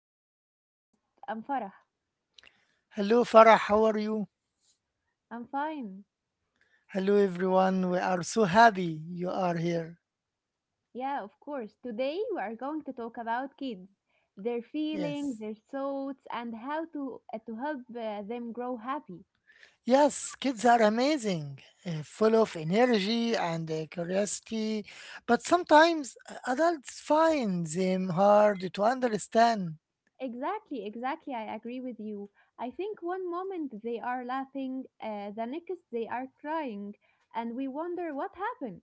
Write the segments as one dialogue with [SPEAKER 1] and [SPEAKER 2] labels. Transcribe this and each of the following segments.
[SPEAKER 1] our new podcast. I'm Farah.
[SPEAKER 2] Hello, Farah. How are you?
[SPEAKER 1] I'm fine.
[SPEAKER 2] Hello, everyone. We are so happy you are here.
[SPEAKER 1] Yeah, of course. Today we are going to talk about kids, their feelings,
[SPEAKER 2] Yes.
[SPEAKER 1] their thoughts, and how to help them grow happy.
[SPEAKER 2] Yes, kids are amazing, full of energy and curiosity, but sometimes adults find them hard to understand.
[SPEAKER 1] Exactly, exactly. I agree with you. I think one moment they are laughing, the next they are crying, and we wonder what happened.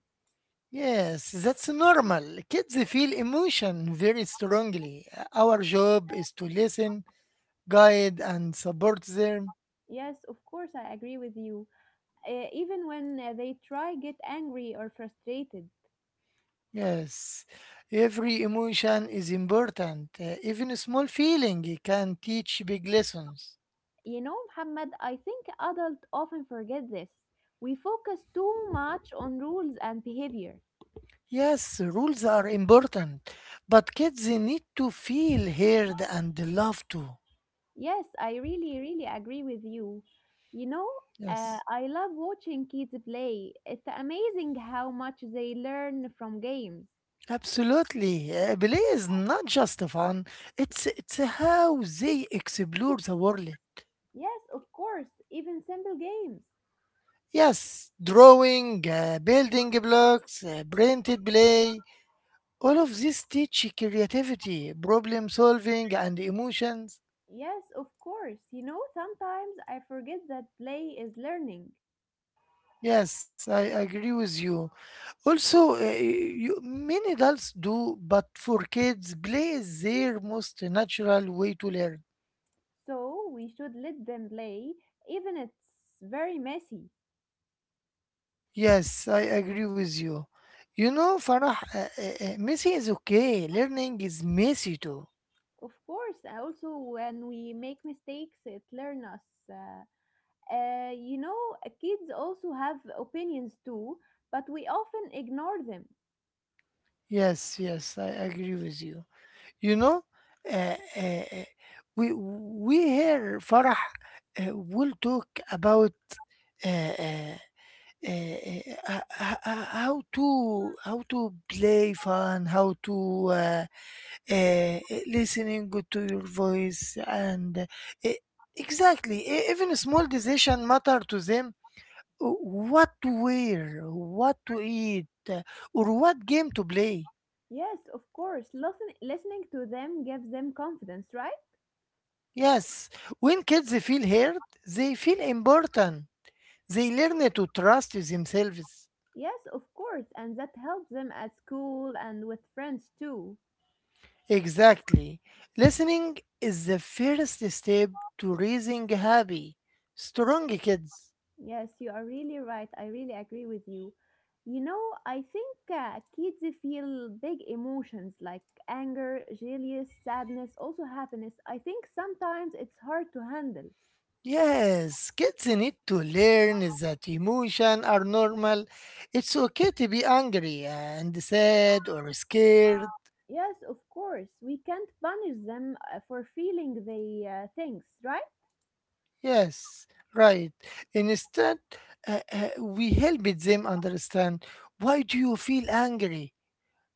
[SPEAKER 2] Yes, that's normal. Kids feel emotion very strongly. Our job is to listen, guide, and support them.
[SPEAKER 1] Yes, of course, I agree with you. Even when they try get angry or frustrated.
[SPEAKER 2] Yes, every emotion is important. Even a small feeling can teach big lessons.
[SPEAKER 1] You know, Muhammad, I think adults often forget this. We focus too much on rules and behavior.
[SPEAKER 2] Yes, rules are important, but kids need to feel heard and loved too.
[SPEAKER 1] Yes, I really, really agree with you. You know,
[SPEAKER 2] Yes,
[SPEAKER 1] I love watching kids play. It's amazing how much they learn from games.
[SPEAKER 2] absolutely. Play is not just fun; it's how they explore the world.
[SPEAKER 1] Yes, of course, even simple games.
[SPEAKER 2] Yes, drawing, building blocks, printed play. All of this teach creativity, problem solving, and emotions.
[SPEAKER 1] Yes, of course. You know, sometimes I forget that play is learning.
[SPEAKER 2] Yes, I agree with you. Also, many adults do, but for kids, play is their most natural way to learn.
[SPEAKER 1] So we should let them play, even it's very messy.
[SPEAKER 2] Yes, I agree with you. You know, Farah, messy is okay. Learning is messy too.
[SPEAKER 1] Of course, also when we make mistakes, it learn us. Uh, uh, you know, Kids also have opinions too, but we often ignore them.
[SPEAKER 2] Yes, yes, I agree with you. You know, uh, uh, uh, we here Farah will talk about uh, uh, uh, how to play fun, how to uh, listening to your voice, and e- exactly even a small decision matter to them. uh, What to wear, what to eat, or what game to play.
[SPEAKER 1] Yes, of course. Listening to them gives them confidence, right?
[SPEAKER 2] Yes, when kids feel heard, they feel important. They learn to trust themselves.
[SPEAKER 1] Yes, of course, and that helps them at school and with friends too.
[SPEAKER 2] Exactly. Listening is the first step to raising happy, strong kids.
[SPEAKER 1] Yes, you are really right. I really agree with you. You know, I think kids feel big emotions like anger, jealous, sadness, also happiness. I think sometimes it's hard to handle.
[SPEAKER 2] Yes, kids need to learn that emotions are normal. It's okay to be angry and sad or scared.
[SPEAKER 1] Yes, of course. We can't punish them for feeling the things, right?
[SPEAKER 2] Yes, right. Instead, we help them understand why do you feel angry?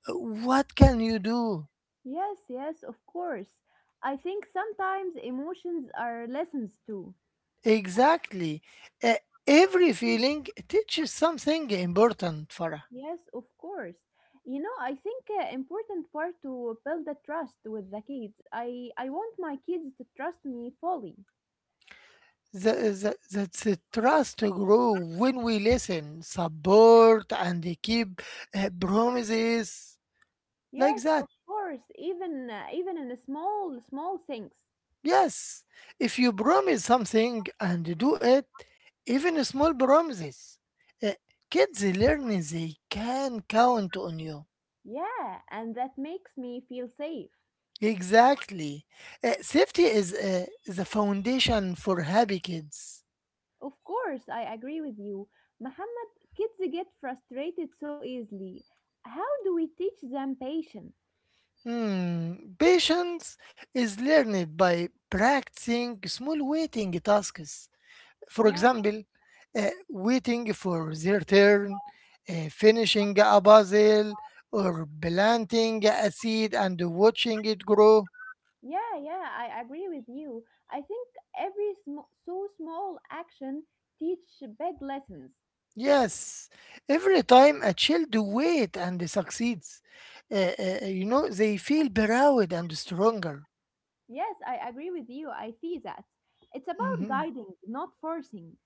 [SPEAKER 2] What can you do?
[SPEAKER 1] Yes, yes, of course. I think sometimes emotions are lessons too.
[SPEAKER 2] Exactly. Uh, every feeling teaches something important, Farah.
[SPEAKER 1] Yes, of course. You know, I think important part to build the trust with the kids. I want my kids to trust me fully.
[SPEAKER 2] The, that's the trust to grow when we listen, support, and keep promises like
[SPEAKER 1] Yes,
[SPEAKER 2] that.
[SPEAKER 1] of course, even in a small small things.
[SPEAKER 2] Yes, if you promise something and do it, even small promises, uh, kids learn they can count on you.
[SPEAKER 1] Yeah, and that makes me feel safe.
[SPEAKER 2] Exactly. Safety is the foundation for happy kids.
[SPEAKER 1] Of course, I agree with you. Muhammad, kids get frustrated so easily. How do we teach them patience?
[SPEAKER 2] Hmm. Patience is learned by practicing small waiting tasks. For
[SPEAKER 1] Yeah.
[SPEAKER 2] example, waiting for their turn, finishing a puzzle, or planting a seed and watching it grow.
[SPEAKER 1] Yeah, yeah, I agree with you. I think so small action teach big lessons.
[SPEAKER 2] Yes, every time a child waits and succeeds, you know, they feel proud and stronger.
[SPEAKER 1] Yes, I agree with you. I see that. It's about
[SPEAKER 2] Mhm.
[SPEAKER 1] guiding, not forcing.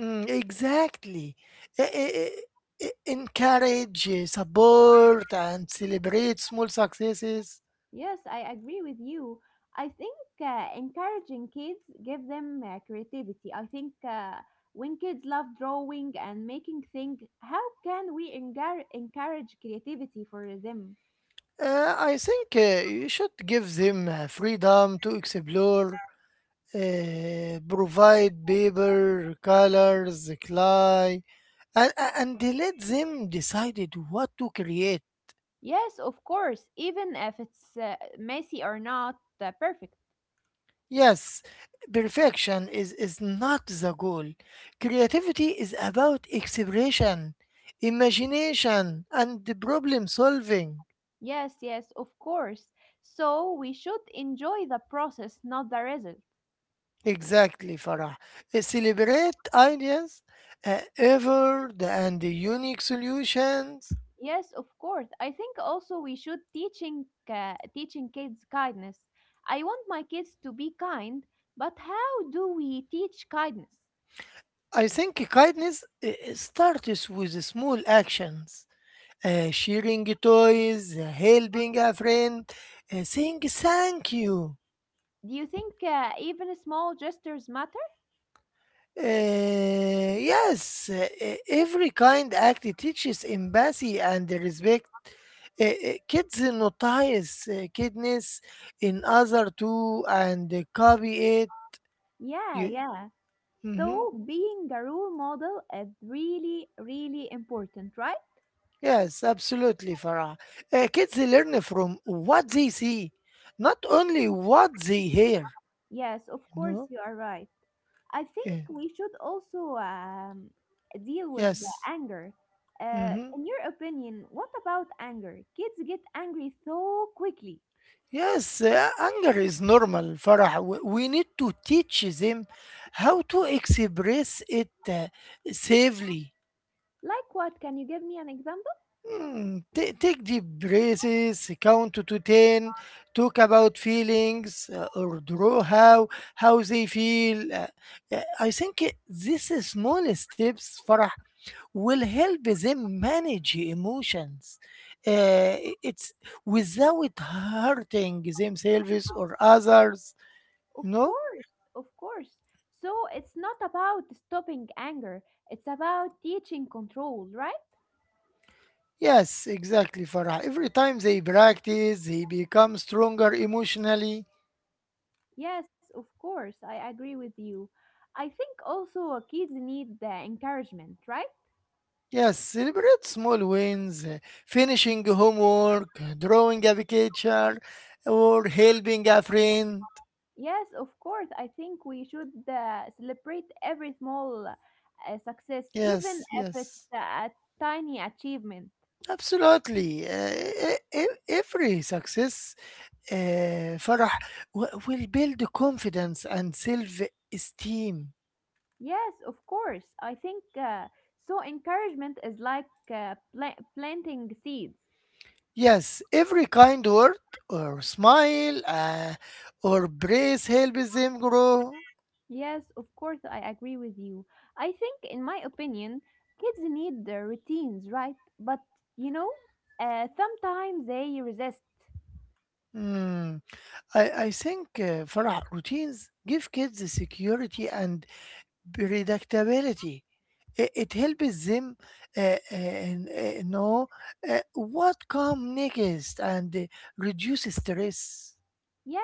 [SPEAKER 2] Exactly. Encourage, support, and celebrate small successes.
[SPEAKER 1] Yes, I agree with you. I think encouraging kids give them creativity. I think when kids love drawing and making things, how can we encourage creativity for them?
[SPEAKER 2] I think you should give them freedom to explore, provide paper, colors, clay, and let them decide what to create.
[SPEAKER 1] Yes, of course, even if it's messy or not perfect.
[SPEAKER 2] Yes, is not the goal. Creativity is about exploration, imagination, and the problem solving.
[SPEAKER 1] Yes, yes, of course. So we should enjoy the process, not the result.
[SPEAKER 2] Exactly, Farah. Celebrate ideas, effort, and the unique solutions.
[SPEAKER 1] Yes, of course. I think also we should teaching kids kindness. I want my kids to be kind, but how do we teach kindness?
[SPEAKER 2] I think kindness starts with small actions. Sharing toys, helping a friend, saying thank you.
[SPEAKER 1] Do you think even small gestures matter?
[SPEAKER 2] Yes, every kind act teaches empathy and respect. Kids notice kindness in other too and copy it.
[SPEAKER 1] Yeah,
[SPEAKER 2] You,
[SPEAKER 1] yeah.
[SPEAKER 2] Mhm.
[SPEAKER 1] So being a role model is really, really important, right?
[SPEAKER 2] Yes, absolutely, Farah. Kids learn from what they see, not only what they hear.
[SPEAKER 1] Yes, of
[SPEAKER 2] You
[SPEAKER 1] course,
[SPEAKER 2] know?
[SPEAKER 1] you are right. I think
[SPEAKER 2] Yeah.
[SPEAKER 1] we should also deal with the
[SPEAKER 2] Yes.
[SPEAKER 1] anger.
[SPEAKER 2] Mm-hmm.
[SPEAKER 1] In your opinion, what about anger? Kids get angry so quickly.
[SPEAKER 2] Yes, anger is normal, Farah. We need to teach them how to express it safely.
[SPEAKER 1] Like what? Can you give me an example?
[SPEAKER 2] Take deep breaths, count to 10, talk about feelings, or draw how they feel. I think these small steps, Farah, will help them manage emotions. Uh, it's without hurting themselves or others.
[SPEAKER 1] Of
[SPEAKER 2] You know?
[SPEAKER 1] course, of course. So it's not about stopping anger, it's about teaching control, right?
[SPEAKER 2] Yes, exactly, Farah. Every time they practice, they become stronger emotionally.
[SPEAKER 1] Yes, of course, I agree with you. I think also kids need the encouragement, right?
[SPEAKER 2] Yes, celebrate small wins, finishing homework, drawing a picture, or helping a friend.
[SPEAKER 1] Yes, of course. I think we should celebrate every small success, even
[SPEAKER 2] Yes,
[SPEAKER 1] if it's
[SPEAKER 2] yes.
[SPEAKER 1] a tiny achievement.
[SPEAKER 2] Absolutely. Every success, Farah, will build confidence and self esteem.
[SPEAKER 1] Yes, of course. I think Encouragement is like planting seeds.
[SPEAKER 2] Yes, every kind word or smile or praise helps them grow.
[SPEAKER 1] Yes, of course. I agree with you. I think, in my opinion, kids need the routines, right? But you know, sometimes they resist.
[SPEAKER 2] Hmm, I think Farah routines give kids the security and predictability. It helps them know what comes next and reduce stress.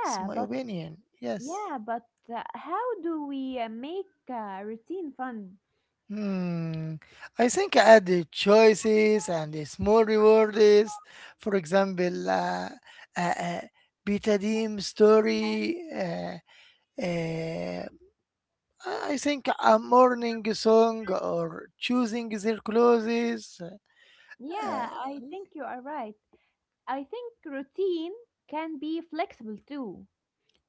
[SPEAKER 2] It's my
[SPEAKER 1] but
[SPEAKER 2] opinion. Yes.
[SPEAKER 1] Yeah, but How do we make routine fun?
[SPEAKER 2] Hmm. I think I add the choices and the small rewards. For example, uh, uh, betadine story. Uh, I think a morning song or choosing their clothes. Uh,
[SPEAKER 1] Yeah, I think you are right. I think routine can be flexible too.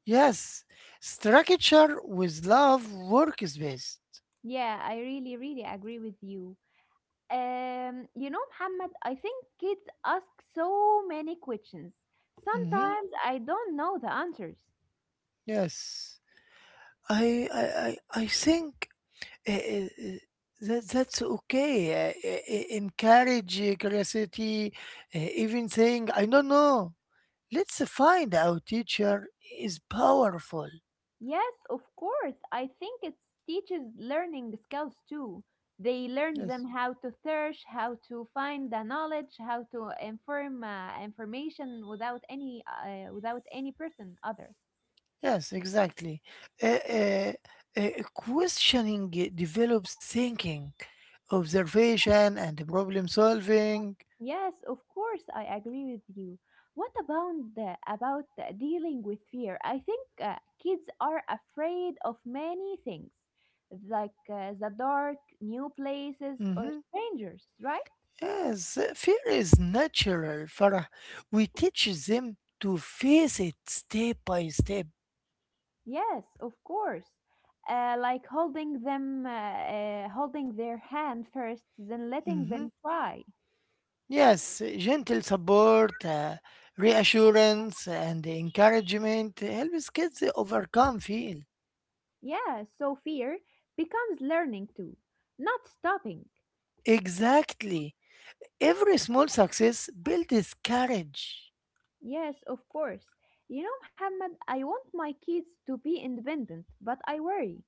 [SPEAKER 2] yes, structure with love work is best.
[SPEAKER 1] Yeah, I really, really agree with you. You know, Muhammad, I think kids ask so many questions.
[SPEAKER 2] Hmm.
[SPEAKER 1] Sometimes I don't know the answers.
[SPEAKER 2] Yes, I think. Eh, eh, eh, that that's okay. Encourage curiosity. Even saying, "I don't know." Let's find out. Teacher is powerful.
[SPEAKER 1] Yes, of course. I think it teaches learning skills too. They learn
[SPEAKER 2] Yes.
[SPEAKER 1] them how to search, how to find the knowledge, how to inform information without any person other.
[SPEAKER 2] Yes. Exactly. Uh, uh, Questioning develops thinking, observation, and problem solving.
[SPEAKER 1] Yes, of course, I agree with you. About the dealing with fear? I think kids are afraid of many things, like the dark, new places, or
[SPEAKER 2] Mhm.
[SPEAKER 1] strangers, right?
[SPEAKER 2] Yes, fear is natural. Farah. We teach them to face it step by step.
[SPEAKER 1] Yes, of course. Like holding them, holding their hand first, then letting
[SPEAKER 2] Mhm.
[SPEAKER 1] them try.
[SPEAKER 2] Yes, gentle support, reassurance, and encouragement helps kids overcome fear.
[SPEAKER 1] Yeah, so fear becomes learning too, not stopping.
[SPEAKER 2] Exactly. Every small success builds courage.
[SPEAKER 1] Yes, of course. You know, Muhammad, I want my kids to be independent, but I worry.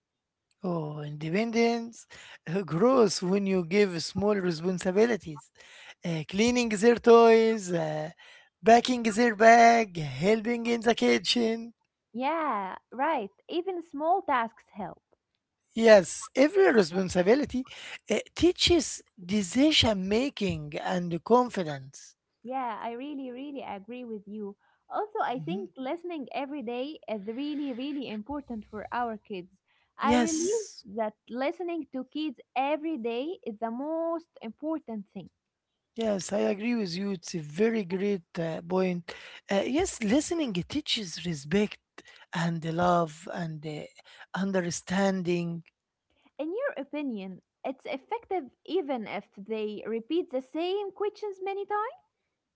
[SPEAKER 2] Oh, independence grows when you give small responsibilities. Cleaning their toys, packing their bag, helping in the kitchen.
[SPEAKER 1] Yeah, right. Even small tasks help.
[SPEAKER 2] Yes, every responsibility teaches decision making and confidence.
[SPEAKER 1] Yeah, I really, really agree with you. Also, I
[SPEAKER 2] Hmm.
[SPEAKER 1] think listening every day is really, really important for our kids. I realize
[SPEAKER 2] Yes,
[SPEAKER 1] that listening to kids every day is the most important thing.
[SPEAKER 2] yes, I agree with you. It's a very great point. Yes, listening teaches respect and love and understanding.
[SPEAKER 1] In your opinion, it's effective even if they repeat the same questions many times?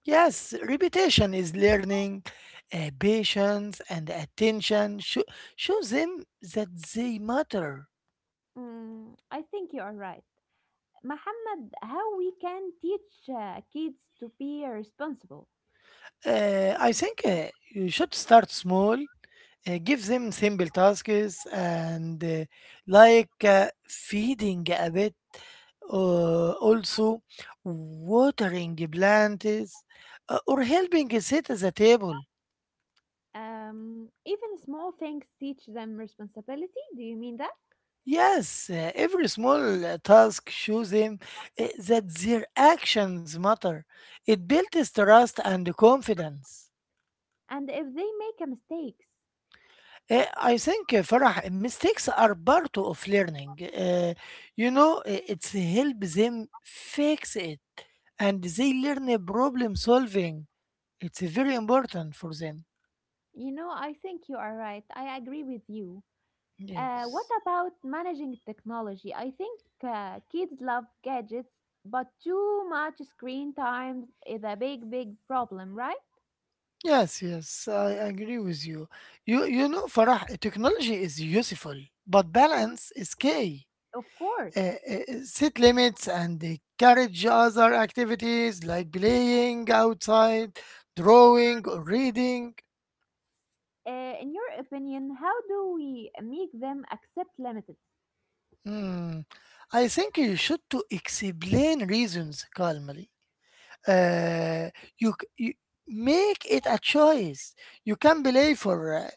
[SPEAKER 2] Yes, repetition is learning, patience and attention. Show them that they matter.
[SPEAKER 1] Mm, I think you are right. Muhammad, how we can teach kids to be responsible?
[SPEAKER 2] I think you should start small, give them simple tasks and like feeding a bit, also watering the plants, or helping set at the table.
[SPEAKER 1] Even small things teach them responsibility. Do you mean that?
[SPEAKER 2] Yes, every small task shows them that their actions matter. It builds trust and confidence.
[SPEAKER 1] And if they make a mistakes,
[SPEAKER 2] Uh, I think, Farah, mistakes are part of learning. Uh, you know, it's help them fix it and they learn a problem solving. It's very important for them.
[SPEAKER 1] you know, I think you are right. I agree with you. What
[SPEAKER 2] Yes.
[SPEAKER 1] about managing technology? I think kids love gadgets, but too much screen time is a big big problem, right?
[SPEAKER 2] Yes, yes, I agree with you. You know, Farah, technology is useful, but balance is key.
[SPEAKER 1] Of course.
[SPEAKER 2] Uh, uh, Set limits and encourage other activities like playing outside, drawing, or reading.
[SPEAKER 1] In your opinion, how do we make them accept limits?
[SPEAKER 2] Hmm. I think you should to explain reasons calmly, uh, you make it a choice. You can play for uh,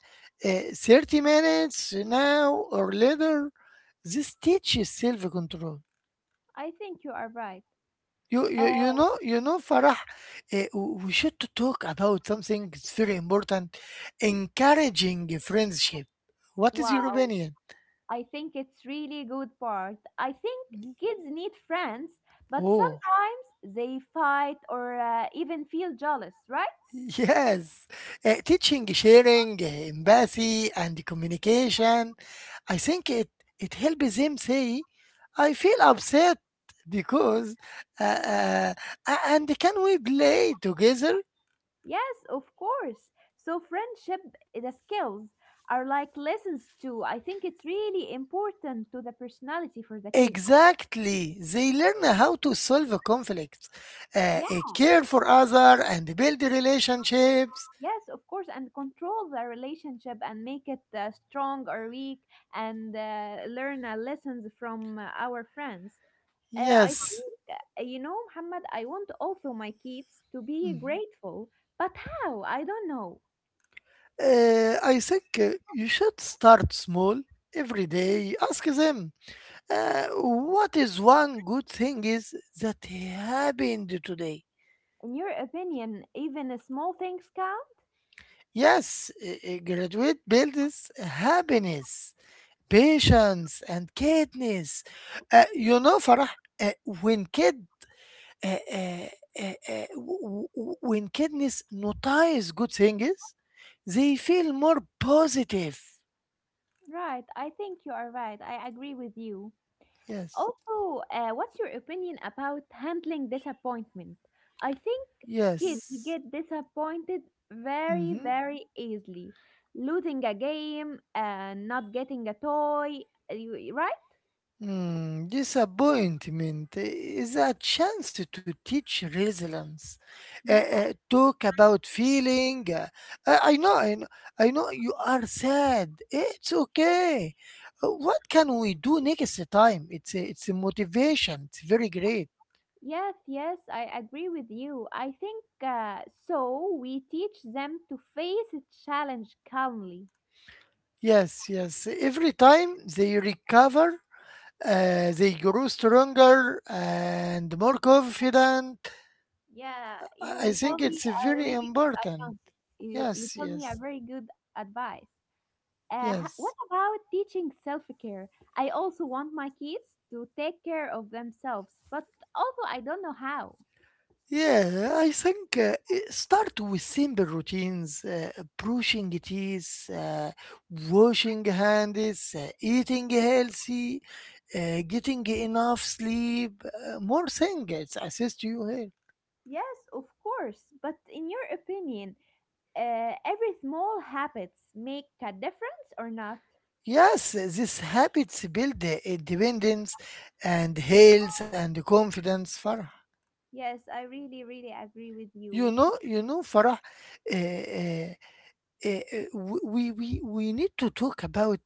[SPEAKER 2] uh, 30 minutes now or later. This teaches self-control.
[SPEAKER 1] I think you are right. uh,
[SPEAKER 2] You know you know Farah, we should to talk about something that's very important, encouraging friendship. What is your
[SPEAKER 1] wow,
[SPEAKER 2] opinion?
[SPEAKER 1] I think it's really good part. I think
[SPEAKER 2] Mm.
[SPEAKER 1] kids need friends, but
[SPEAKER 2] Oh.
[SPEAKER 1] sometimes they fight or even feel jealous, right?
[SPEAKER 2] Yes, teaching, sharing, empathy, and communication. I think it helps them say, "I feel upset because," uh, uh, and can we play together?
[SPEAKER 1] Yes, of course. So friendship, the skills are like lessons too. I think it's really important to the personality for the kid.
[SPEAKER 2] Exactly. They learn how to solve a conflict,
[SPEAKER 1] Yeah,
[SPEAKER 2] care for other, and build relationships.
[SPEAKER 1] yes, of course, and control the relationship and make it strong or weak, and learn lessons from our friends. Uh, I
[SPEAKER 2] Yes.
[SPEAKER 1] think, you know, Muhammad, I want also my kids to be
[SPEAKER 2] Mhm.
[SPEAKER 1] grateful, but how? I don't know.
[SPEAKER 2] I think you should start small every day. Ask them. What is one good thing is that happened today?
[SPEAKER 1] In your opinion, even the small things count?
[SPEAKER 2] Yes, a graduate builds happiness, patience, and kindness. You know, Farah, uh, when kid, uh, uh, w- w- when kidness notice good things, they feel more positive.
[SPEAKER 1] Right, I think you are right. I agree with you.
[SPEAKER 2] Yes,
[SPEAKER 1] Also, what's your opinion about handling disappointment? I think kids
[SPEAKER 2] yes.
[SPEAKER 1] get disappointed very,
[SPEAKER 2] Mhm.
[SPEAKER 1] very easily. Losing a game, not getting a toy, right?
[SPEAKER 2] Disappointment is a chance to teach resilience.
[SPEAKER 1] Yeah.
[SPEAKER 2] Talk about feeling. I I know, I know, I know you are sad. It's okay. What can we do next time? It's a motivation. It's very great.
[SPEAKER 1] Yes, yes, I agree with you. I think We teach them to face a challenge calmly.
[SPEAKER 2] Yes, yes. Every time they recover, they grow stronger and more confident.
[SPEAKER 1] Yeah,
[SPEAKER 2] I
[SPEAKER 1] you
[SPEAKER 2] think
[SPEAKER 1] tell me
[SPEAKER 2] it's
[SPEAKER 1] a
[SPEAKER 2] very
[SPEAKER 1] really good
[SPEAKER 2] important.
[SPEAKER 1] advice. You
[SPEAKER 2] Yes,
[SPEAKER 1] tell me a
[SPEAKER 2] yes,
[SPEAKER 1] very good advice. What
[SPEAKER 2] yes.
[SPEAKER 1] about teaching self care? I also want my kids to take care of themselves, but also I don't know how.
[SPEAKER 2] Yeah, I think start with simple routines, brushing teeth, washing hands, eating healthy, getting enough sleep, more things it's assist you here.
[SPEAKER 1] Yes, of course. But in your opinion, every small habits make a difference or not?
[SPEAKER 2] Yes, these habits build independence and health and confidence, Farah.
[SPEAKER 1] Yes, I really, really agree with you.
[SPEAKER 2] You know, Farah, uh, uh, we need to talk about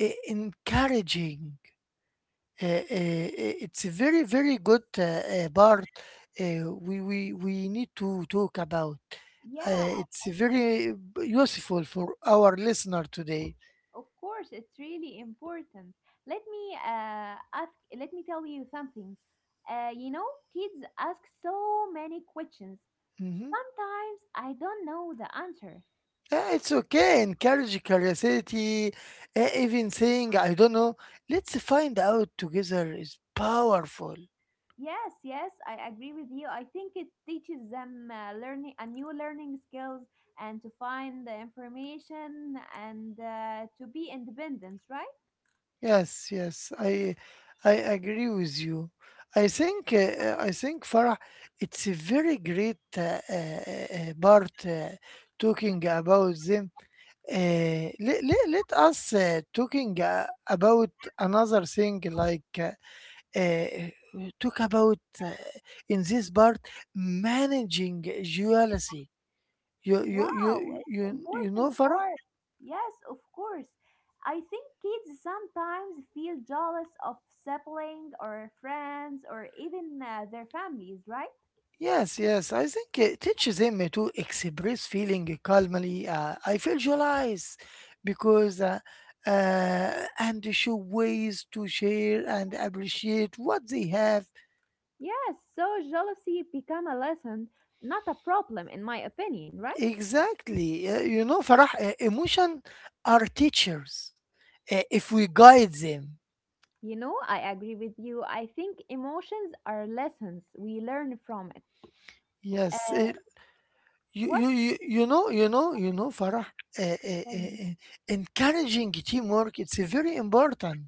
[SPEAKER 2] encouraging. It's a very very good part we need to talk about.
[SPEAKER 1] Yeah,
[SPEAKER 2] It's very useful for our listener today.
[SPEAKER 1] of course, it's really important. Let me ask, let me tell you something. You know, kids ask so many questions.
[SPEAKER 2] Mhm.
[SPEAKER 1] Sometimes I don't know the answer.
[SPEAKER 2] Yeah, it's okay encourage curiosity, even saying I don't know, let's find out together is powerful.
[SPEAKER 1] Yes, yes, I agree with you. I think it teaches them learning a new learning skills and to find the information and to be independent, right?
[SPEAKER 2] Yes, yes, I agree with you. I think Farah, it's a very great part talking about them. Let us talking about another thing like uh, talk about in this part managing jealousy.
[SPEAKER 1] Wow, it's
[SPEAKER 2] You know
[SPEAKER 1] important
[SPEAKER 2] Farah?
[SPEAKER 1] for. Yes, of course. I think kids sometimes feel jealous of sibling or friends or even their families, right?
[SPEAKER 2] Yes, yes. I think it teaches him to express feeling calmly. I feel July's because, uh, and show ways to share and appreciate what they have.
[SPEAKER 1] Yes, so jealousy become a lesson, not a problem in my opinion, right?
[SPEAKER 2] Exactly. You know, Farah, emotion are teachers if we guide them.
[SPEAKER 1] You know, I agree with you. I think emotions are lessons. We learn from it. Uh,
[SPEAKER 2] Yes.
[SPEAKER 1] what
[SPEAKER 2] You you know, you know, Farah, uh,
[SPEAKER 1] tell
[SPEAKER 2] uh,
[SPEAKER 1] me?
[SPEAKER 2] uh, uh, encouraging teamwork, it's very important.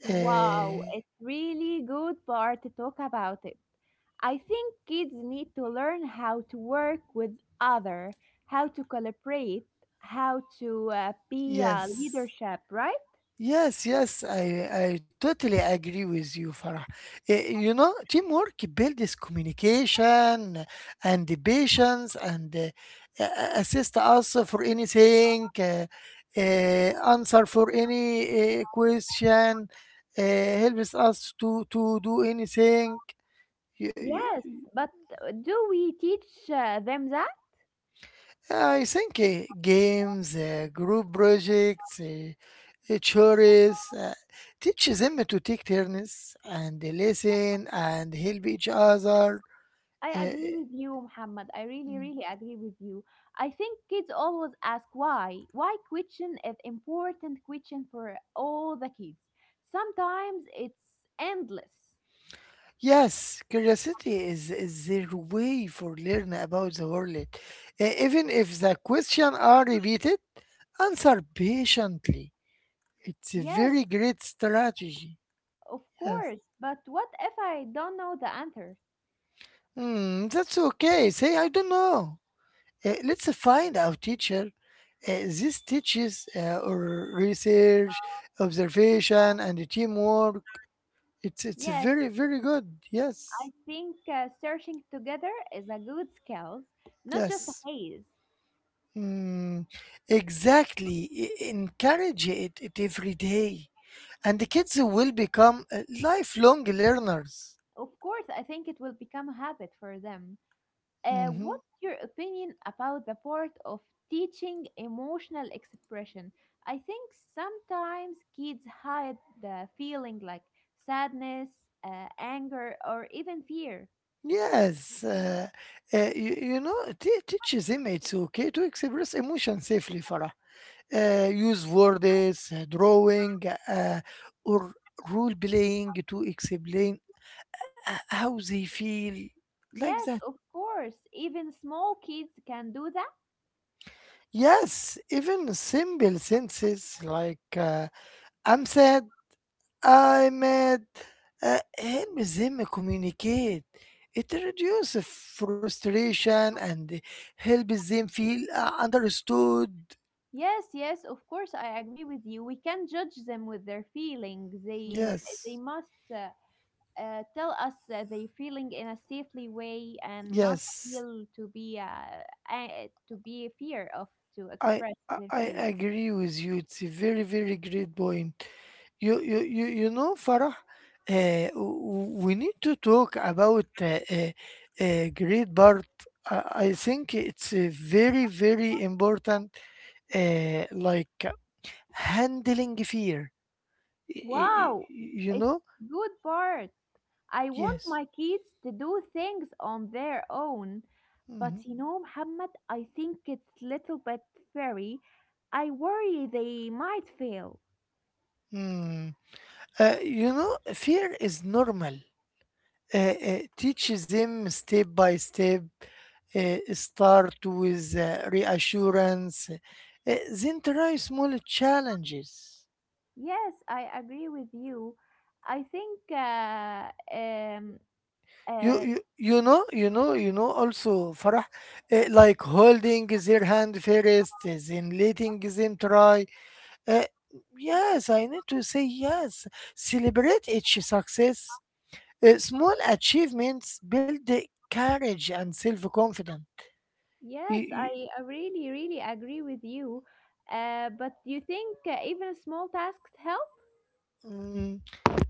[SPEAKER 1] Wow,
[SPEAKER 2] Uh,
[SPEAKER 1] it's really good part to talk about it. I think kids need to learn how to work with other, how to collaborate, how to be a
[SPEAKER 2] yes.
[SPEAKER 1] leadership, right?
[SPEAKER 2] Yes, yes, I totally agree with you, Farah. You know, teamwork builds communication and the patience and assist us for anything, answer for any question, helps us to do anything.
[SPEAKER 1] Yes, but do we teach them that?
[SPEAKER 2] I think games, group projects, chores, teach them to take turns and listen and help each other.
[SPEAKER 1] I
[SPEAKER 2] Uh,
[SPEAKER 1] agree with you, Muhammad. I really, really agree with you. I think kids always ask why. Why question is important question for all the kids. Sometimes it's endless.
[SPEAKER 2] yes, is their way for learn about the world. Even if the question are repeated, answer patiently. It's a
[SPEAKER 1] Yes,
[SPEAKER 2] very great strategy.
[SPEAKER 1] of
[SPEAKER 2] Yes.
[SPEAKER 1] course. But what if I don't know the answer?
[SPEAKER 2] Hmm, that's okay. Say I don't know. Let's find our teacher. This teaches or research, observation, and teamwork. It's
[SPEAKER 1] Yes.
[SPEAKER 2] very very good. Yes,
[SPEAKER 1] I think searching together is a good skill, not just a
[SPEAKER 2] yes,
[SPEAKER 1] phase.
[SPEAKER 2] mm, exactly. Encourage it every day, and the kids will become lifelong learners.
[SPEAKER 1] Of course, I think it will become a habit for them.
[SPEAKER 2] Mhm.
[SPEAKER 1] What's your opinion about the part of teaching emotional expression? I think sometimes kids hide the feeling like sadness, anger, or even fear.
[SPEAKER 2] Yes, you know, it teaches them it's okay to express emotion safely, Farah. Use words, drawing, uh, or role playing to explain how they feel, like
[SPEAKER 1] Yes,
[SPEAKER 2] that.
[SPEAKER 1] of course, even small kids can do that.
[SPEAKER 2] Yes, even simple sentences like I'm sad, I'm mad, help them communicate. It reduces frustration and helps them feel understood.
[SPEAKER 1] Yes, yes, of course, I agree with you. We can't judge them with their feelings. They
[SPEAKER 2] Yes,
[SPEAKER 1] must uh, tell us their feeling in a safely way and not
[SPEAKER 2] yes,
[SPEAKER 1] feel to be a fear of to
[SPEAKER 2] I
[SPEAKER 1] express
[SPEAKER 2] I
[SPEAKER 1] their
[SPEAKER 2] I
[SPEAKER 1] feelings.
[SPEAKER 2] agree with you. It's a very, very great point. You know, Farah, we need to talk about great part. I think it's a very, very important, like handling fear. Y- y- y-
[SPEAKER 1] Wow,
[SPEAKER 2] You
[SPEAKER 1] it's
[SPEAKER 2] know?
[SPEAKER 1] a good part. I want
[SPEAKER 2] Yes.
[SPEAKER 1] my kids to do things on their own, but
[SPEAKER 2] Mhm.
[SPEAKER 1] you know, Muhammad, I think it's little bit fairy. I worry they might fail.
[SPEAKER 2] Mm. You know, fear is normal. Teaches him step by step. Start with reassurance, then try small challenges.
[SPEAKER 1] Yes, I agree with you. I think, um,
[SPEAKER 2] You,
[SPEAKER 1] uh,
[SPEAKER 2] you you know you know you know also, Farah, like holding their hand first, then letting them try. Uh, yes, I need to say yes. Celebrate each success. Small achievements build the courage and self confidence.
[SPEAKER 1] yes, I really, really agree with you. But do you think even small tasks help?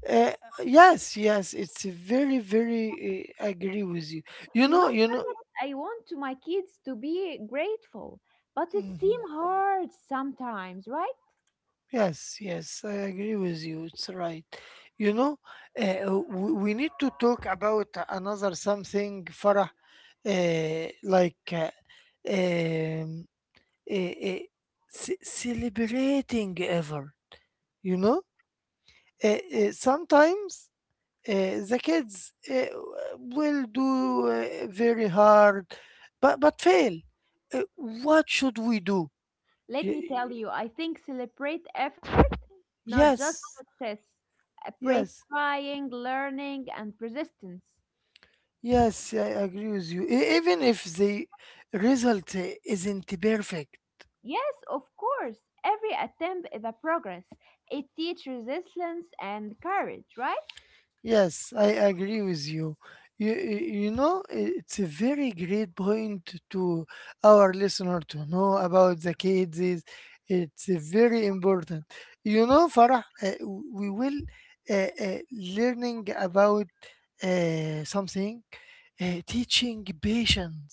[SPEAKER 2] Uh, yes, yes, it's a very, very. I agree with you. You
[SPEAKER 1] You know,
[SPEAKER 2] know, you know.
[SPEAKER 1] Muhammad, I want to my kids to be grateful, but it
[SPEAKER 2] Mhm.
[SPEAKER 1] seems hard sometimes, right?
[SPEAKER 2] Yes, yes, I agree with you. It's right. You know, we need to talk about another something, Farah, like um, uh, uh, celebrating ever. You know, uh, sometimes. The kids will do very hard, but fail. What should we do?
[SPEAKER 1] Let
[SPEAKER 2] Y-
[SPEAKER 1] me tell you, I think celebrate effort, not just
[SPEAKER 2] yes,
[SPEAKER 1] success. Praise
[SPEAKER 2] yes,
[SPEAKER 1] trying, learning, and persistence.
[SPEAKER 2] yes. I agree with you. Even if the result isn't perfect.
[SPEAKER 1] Yes, of course. Every attempt is a progress. It teaches resilience and courage, right?
[SPEAKER 2] Yes, I agree with you. You, you you know, it's a very great point to our listener to know about the kids. It's very important. You know, Farah, we will learning about something, teaching patience.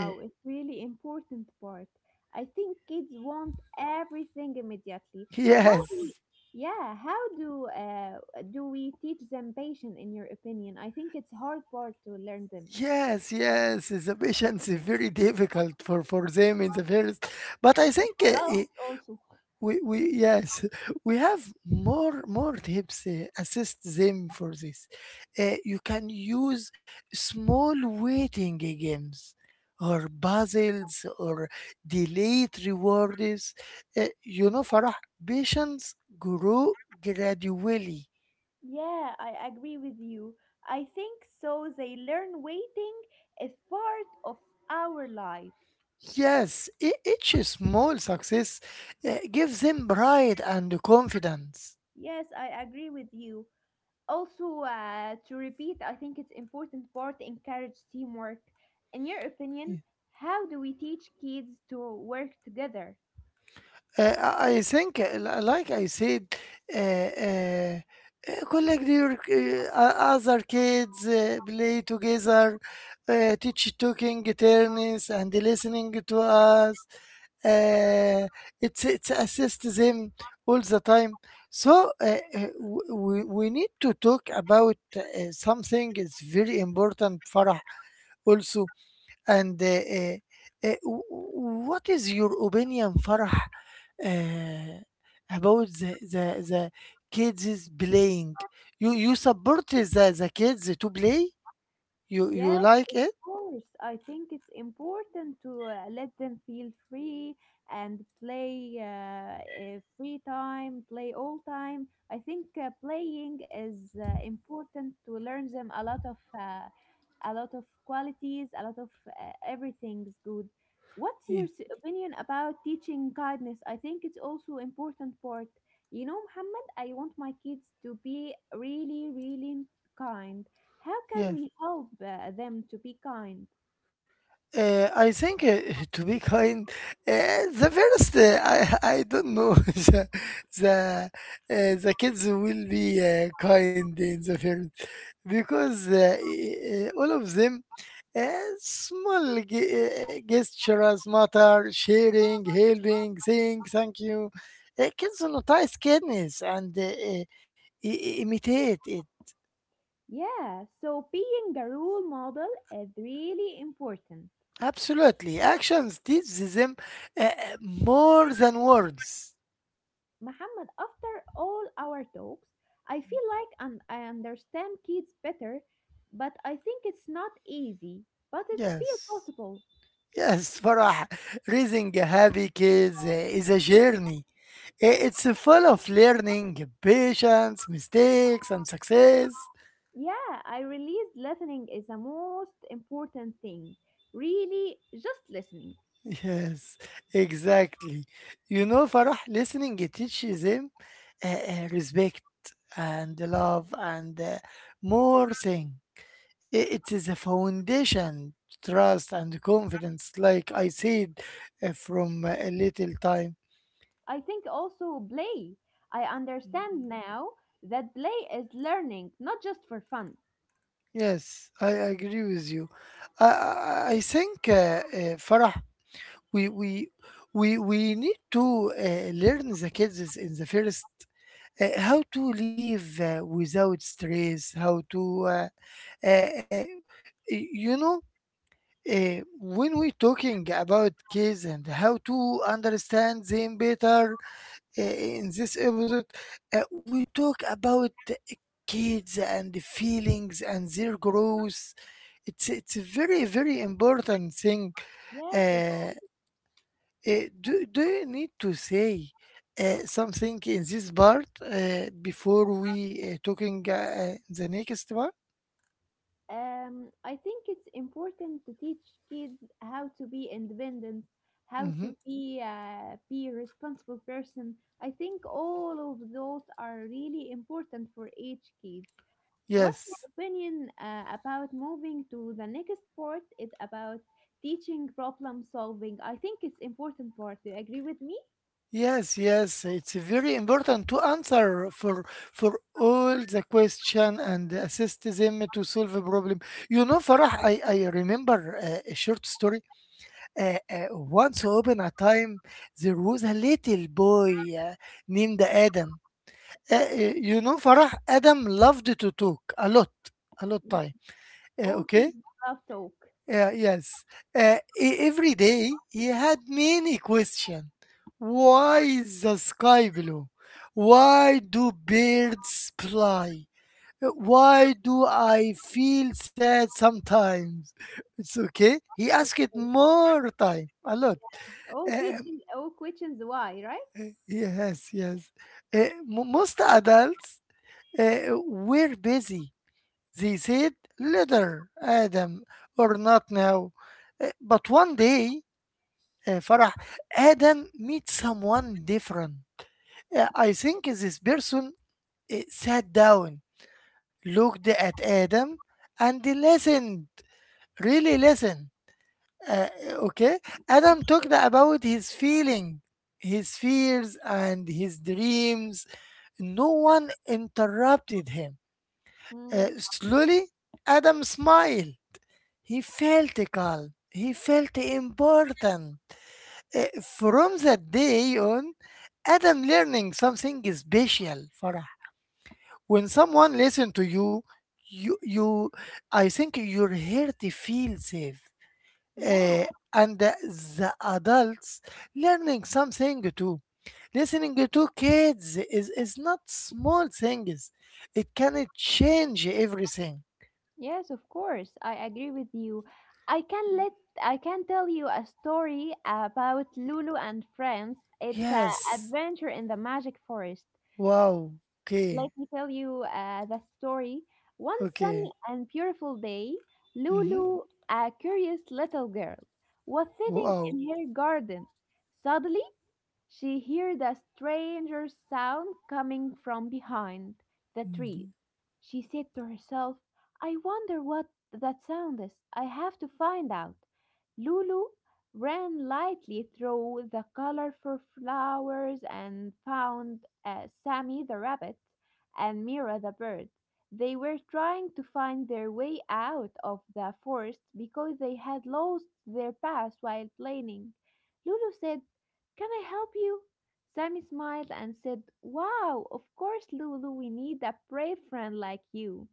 [SPEAKER 2] Uh,
[SPEAKER 1] it's really important part. I think kids want everything immediately. How do we,
[SPEAKER 2] yes,
[SPEAKER 1] yeah, how do do we teach them patience in your opinion? I think it's hard part to learn them.
[SPEAKER 2] yes, Yes. The patience is very difficult for them in the first, but I think
[SPEAKER 1] For us also.
[SPEAKER 2] we yes we have more tips assist them for this. You can use small waiting games or puzzles or delayed rewards. You know, Farah, patience grow gradually.
[SPEAKER 1] Yeah, I agree with you. I think so they learn waiting is part of our life.
[SPEAKER 2] Yes. Each small success gives them pride and confidence.
[SPEAKER 1] Yes, I agree with you. Also, to repeat, I think it's important part encourage teamwork. In your
[SPEAKER 2] Yes.
[SPEAKER 1] opinion, how do we teach kids to work together?
[SPEAKER 2] I think, like I said, uh, uh, collect your other kids, play together, teach talking turns and listening to us. Uh, it's assist them all the time. So we need to talk about something is very important, Farah, also. And uh, w- what is your opinion, Farah, uh, about the kids is playing? You support the kids to play? You
[SPEAKER 1] Yes,
[SPEAKER 2] like
[SPEAKER 1] of
[SPEAKER 2] it?
[SPEAKER 1] course. I think it's important to let them feel free and play free time, play all time. I think playing is important to learn them a lot of qualities, a lot of everything's good. What's your
[SPEAKER 2] Ye-
[SPEAKER 1] opinion about teaching kindness? I think it's also important part. You know, Muhammad, I want my kids to be really, really kind. How can
[SPEAKER 2] Yes.
[SPEAKER 1] we help them to be kind?
[SPEAKER 2] I think, to be kind, uh, the first I I don't know. The, the kids will be kind in the first because all of them uh, small ge- gestures matter, sharing, helping, saying thank you. Kids notice kindness and imitate it.
[SPEAKER 1] Yeah, so being a role model is really important.
[SPEAKER 2] Absolutely, actions teach them more than words.
[SPEAKER 1] Muhammad, after all our talks, I feel like and I understand kids better, but I think it's not easy, but it's feel
[SPEAKER 2] Yes,
[SPEAKER 1] possible.
[SPEAKER 2] yes, Farah. Raising happy kids is a journey. It's full of learning, patience, mistakes, and success.
[SPEAKER 1] Yeah, I realized listening is the most important thing. Really, just listening.
[SPEAKER 2] Yes, exactly. You know, Farah, listening it teaches him respect and love and more thing. It is a foundation, trust and confidence, like I said from a little time.
[SPEAKER 1] I think also play. I understand now that play is learning, not just for fun.
[SPEAKER 2] Yes, I agree with you. I think Farah, we we we need to learn the kids in the first how to live without stress, how to uh, uh, you know, when we talking about kids and how to understand them better in this episode, we talk about kids and feelings and their growth. It's a very, very important thing.
[SPEAKER 1] Yes, of-
[SPEAKER 2] Uh, do you need to say something in this part before we talking the next one?
[SPEAKER 1] I think it's important to teach kids how to be independent, how
[SPEAKER 2] Hmm.
[SPEAKER 1] to be a responsible person. I think all of those are really important for each kids. What's your
[SPEAKER 2] Yes.
[SPEAKER 1] opinion about moving to the next part? It's about teaching problem solving. I think it's important part. Do you agree with me?
[SPEAKER 2] Yes, yes, it's very important to answer for all the question and assist them to solve a problem. You know, Farah, I remember a short story. Once upon a time, there was a little boy named Adam. You know, Farah, Adam loved to talk a lot
[SPEAKER 1] Mm.
[SPEAKER 2] time.
[SPEAKER 1] All
[SPEAKER 2] Okay?
[SPEAKER 1] kids love talk.
[SPEAKER 2] Yeah, yes. Every day, he had many questions. Why is the sky blue? Why do birds fly? Why do I feel sad sometimes? It's okay. He asked more time, a lot.
[SPEAKER 1] All
[SPEAKER 2] Uh,
[SPEAKER 1] teaching, all questions why, right?
[SPEAKER 2] Yes, yes. Most adults uh, were busy. They said later, Adam, or not now. But one day, Farah, Adam meets someone different. I think this person sat down, looked at Adam, and listened. Really listened. Uh, okay? Adam talked about his feeling, his fears, and his dreams. No one interrupted him.
[SPEAKER 1] Mm.
[SPEAKER 2] Slowly, Adam smiled. He felt calm. He felt important. From that day on, Adam learning something special, Farah. When someone listen to you, you, you, I think you're here to feel safe.
[SPEAKER 1] Yeah.
[SPEAKER 2] Uh, and the adults learning something too. Listening to kids is not small things. It can change everything.
[SPEAKER 1] Yes, of course. I agree with you. I can let I can tell you a story about Lulu and friends. It's an
[SPEAKER 2] Yes.
[SPEAKER 1] adventure in the magic forest.
[SPEAKER 2] Wow.
[SPEAKER 1] Let
[SPEAKER 2] Okay.
[SPEAKER 1] me tell you the story. One
[SPEAKER 2] Okay.
[SPEAKER 1] sunny and beautiful day,
[SPEAKER 2] Mm-hmm.
[SPEAKER 1] Lulu, a curious little girl, was sitting
[SPEAKER 2] Wow.
[SPEAKER 1] in her garden. Suddenly, she heard a strange sound coming from behind the trees.
[SPEAKER 2] Hmm.
[SPEAKER 1] She said to herself, I wonder what that sound is. I have to find out. Lulu ran lightly through the colorful flowers and found Sammy the rabbit and Mira the bird. They were trying to find their way out of the forest because they had lost their path while playing. Lulu said, can I help you? Sammy smiled and said, Wow, of course, Lulu, we need a brave friend like you.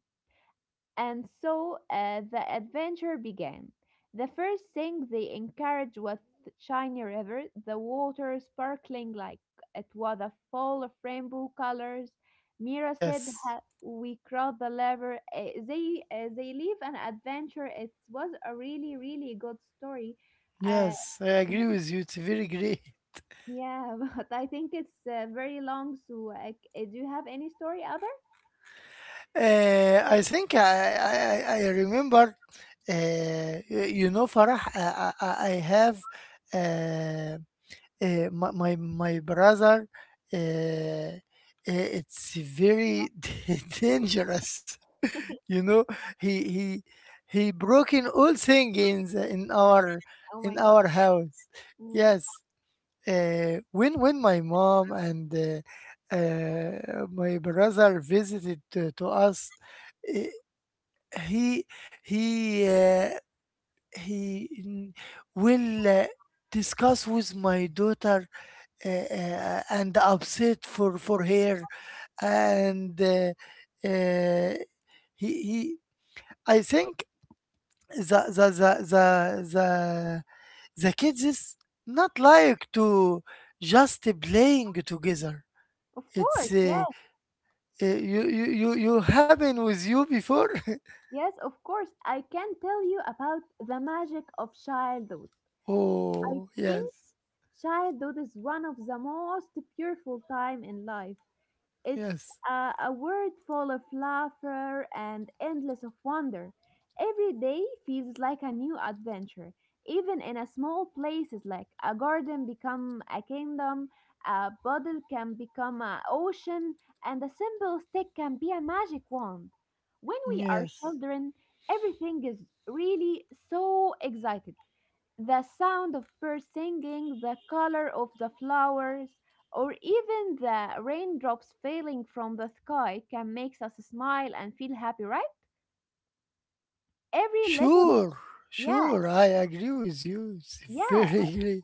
[SPEAKER 1] And so the adventure began. The first thing they encouraged was the Shiny River, the water sparkling like it was a fall of rainbow colors. Mira said,
[SPEAKER 2] Yes.
[SPEAKER 1] "We crossed the river." They live an adventure. It was a really good story. Uh,
[SPEAKER 2] Yes. I agree with you. It's very great.
[SPEAKER 1] yeah, but I think it's very long. So, do you have any story other?
[SPEAKER 2] I think I remember, you know, Farah, I have uh, my brother, uh, uh, it's very dangerous. You know, he he he broken all thing in the,
[SPEAKER 1] Oh my
[SPEAKER 2] in
[SPEAKER 1] God.
[SPEAKER 2] our house.
[SPEAKER 1] Mm.
[SPEAKER 2] Yes. When my mom and my brother visited to us, uh, he he uh, he will discuss with my daughter and upset for her and uh, he I think the the the the the, the kids is not like to just playing together.
[SPEAKER 1] Of course,
[SPEAKER 2] It's
[SPEAKER 1] yes,
[SPEAKER 2] uh, you happen with you before.
[SPEAKER 1] yes, of course. I can tell you about the magic of childhood. I
[SPEAKER 2] Oh
[SPEAKER 1] think
[SPEAKER 2] yes.
[SPEAKER 1] childhood is one of the most beautiful time in life. It's
[SPEAKER 2] Yes,
[SPEAKER 1] a world full of laughter and endless of wonder. Every day feels like a new adventure, even in a small places like a garden become a kingdom, a bottle can become an ocean, and a simple stick can be a magic wand. When we are
[SPEAKER 2] yes.
[SPEAKER 1] children, everything is really so excited. The sound of birds singing, the color of the flowers, or even the raindrops falling from the sky can make us smile and feel happy, right? Every little,
[SPEAKER 2] Sure,
[SPEAKER 1] yeah,
[SPEAKER 2] sure, I agree with you. It's
[SPEAKER 1] yeah,
[SPEAKER 2] very agree.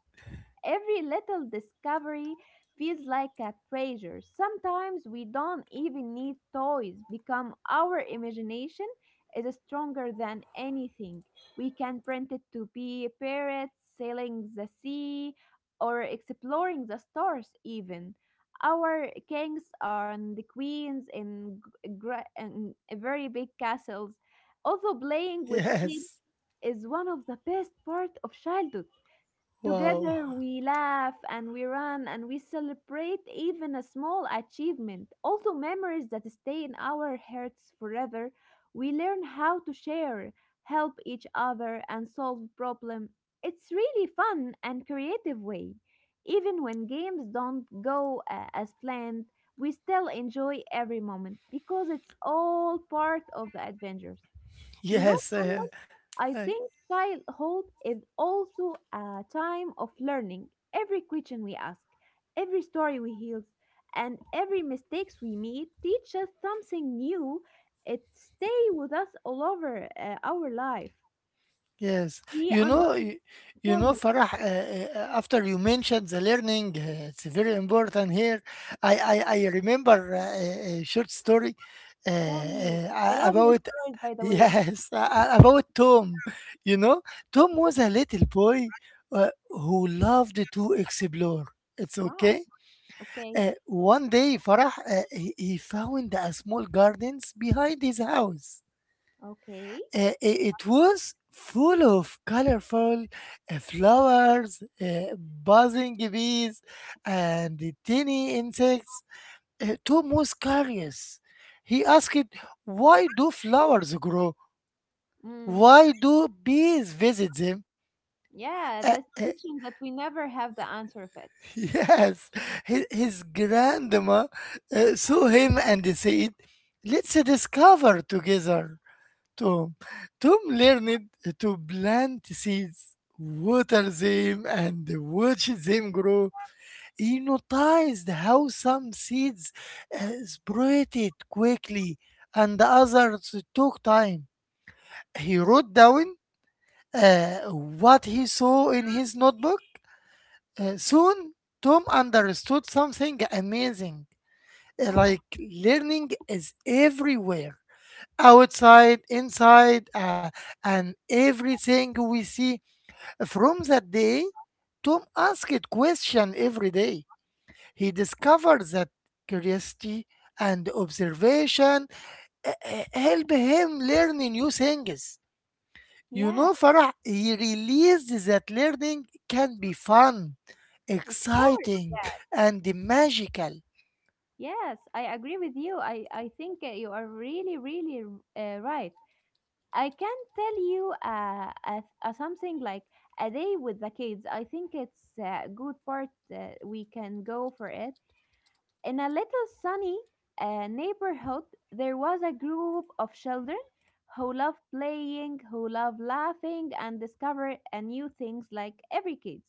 [SPEAKER 1] every little discovery feels like a treasure. Sometimes we don't even need toys because our imagination is stronger than anything. We can print it to be parrots sailing the sea or exploring the stars, even. Our kings and the queens in very big castles. Also, playing with kids
[SPEAKER 2] Yes.
[SPEAKER 1] is one of the best part of childhood.
[SPEAKER 2] Wow.
[SPEAKER 1] Together we laugh and we run and we celebrate even a small achievement. Also, memories that stay in our hearts forever. We learn how to share, help each other, and solve problems. It's really fun and creative way. Even when games don't go as planned, we still enjoy every moment because it's all part of the adventures. You know,
[SPEAKER 2] Yes, uh,
[SPEAKER 1] Muhammad, I
[SPEAKER 2] uh,
[SPEAKER 1] think childhood is also a time of learning. Every question we ask, every story we hear, and every mistakes we make teach us something new. It stay with us all over our life.
[SPEAKER 2] yes.
[SPEAKER 1] We
[SPEAKER 2] You
[SPEAKER 1] under
[SPEAKER 2] know, you
[SPEAKER 1] tell
[SPEAKER 2] know,
[SPEAKER 1] me,
[SPEAKER 2] Farah. After you mentioned the learning, it's very important here. I remember a a short story
[SPEAKER 1] tell me. I love your
[SPEAKER 2] about
[SPEAKER 1] stories, by the way.
[SPEAKER 2] yes about Tom. You know, Tom was a little boy who loved to explore. It's
[SPEAKER 1] Wow.
[SPEAKER 2] okay.
[SPEAKER 1] Okay.
[SPEAKER 2] One day, Farah, he found a small gardens behind his house.
[SPEAKER 1] Okay.
[SPEAKER 2] It was full of colorful flowers, buzzing bees, and tiny insects. Tom was curious. He asked, why do flowers grow?
[SPEAKER 1] Mm.
[SPEAKER 2] Why do bees visit them?
[SPEAKER 1] Yeah,
[SPEAKER 2] Uh,
[SPEAKER 1] this
[SPEAKER 2] uh,
[SPEAKER 1] question that we never have the answer of it.
[SPEAKER 2] yes, his grandma saw him and said, let's discover together, Tom. Tom learned to plant seeds, water them, and watch them grow. He noticed how some seeds sprouted quickly and others took time. He wrote down what he saw in his notebook. Soon, Tom understood something amazing.
[SPEAKER 1] Wow.
[SPEAKER 2] Like learning is everywhere. Outside, inside, and everything we see. From that day, Tom asked question every day. He discovered that curiosity and observation help him learn new things. You
[SPEAKER 1] Yeah,
[SPEAKER 2] know, Farah, he realized that learning can be fun,
[SPEAKER 1] of course.
[SPEAKER 2] exciting, and magical.
[SPEAKER 1] Yes, I agree with you. I think you are really, really right. I can tell you a something like a day with the kids. I think it's a good part. We can go for it. In a little sunny neighborhood, there was a group of children who loved playing, who loved laughing, and discover a new things like every kids.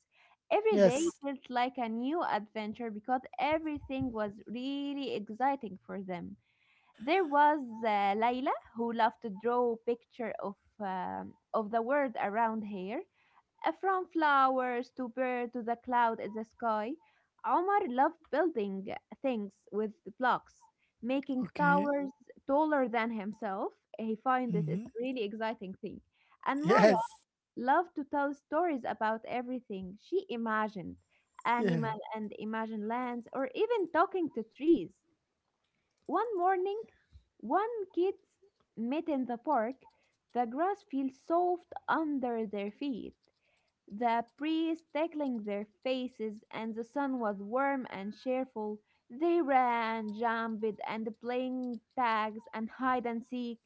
[SPEAKER 1] Every day
[SPEAKER 2] Yes.
[SPEAKER 1] felt like a new adventure because everything was really exciting for them. There was uh, Layla who loved to draw picture of the world around here. F-rom flowers to bird to the cloud in the sky, Omar loved building things with blocks, making
[SPEAKER 2] Okay.
[SPEAKER 1] towers taller than himself. He finds this is
[SPEAKER 2] Mhm.
[SPEAKER 1] really exciting thing. And Maya
[SPEAKER 2] Yes.
[SPEAKER 1] loved to tell stories about everything she imagined,
[SPEAKER 2] Yeah.
[SPEAKER 1] animal and imagined lands, or even talking to trees. One morning, one kids met in the park. The grass feels soft under their feet the breeze tickling their faces, and the sun was warm and cheerful. They ran, jumped, and playing tags and hide and seek.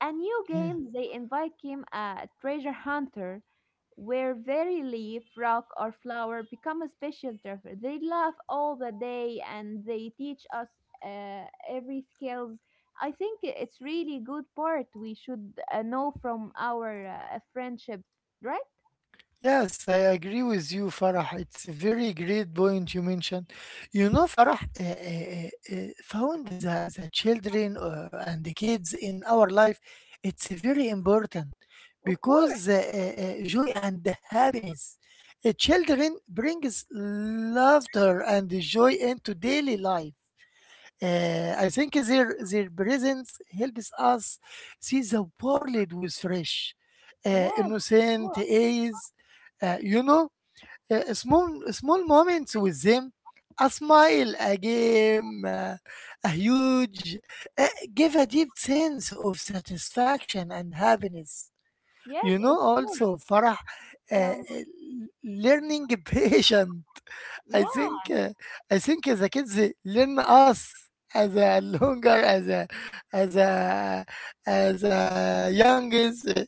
[SPEAKER 1] A new
[SPEAKER 2] Yeah.
[SPEAKER 1] game they invite him a treasure hunter, where very leaf, rock, or flower become a special treasure. They laugh all the day and they teach us every skills. I think it's really good part we should know from our friendship, right?
[SPEAKER 2] Yes, I agree with you, Farah. It's a very great point you mentioned. You know, Farah, found the children and the kids in our life. It's very important
[SPEAKER 1] Of
[SPEAKER 2] because
[SPEAKER 1] course.
[SPEAKER 2] the joy and the happiness. Children brings laughter and joy into daily life. I think their presence helps us see the world with fresh,
[SPEAKER 1] Yes. Course.
[SPEAKER 2] innocent eyes. You know, small moments with them, a smile, a game, a huge, uh, give a deep sense of satisfaction and happiness. You
[SPEAKER 1] Yes, of
[SPEAKER 2] know,
[SPEAKER 1] course.
[SPEAKER 2] also, Farah, uh,
[SPEAKER 1] Tell me.
[SPEAKER 2] learning patience. I
[SPEAKER 1] Yeah,
[SPEAKER 2] think uh, I think the kids they learn us as a longer as a as a as a youngest uh,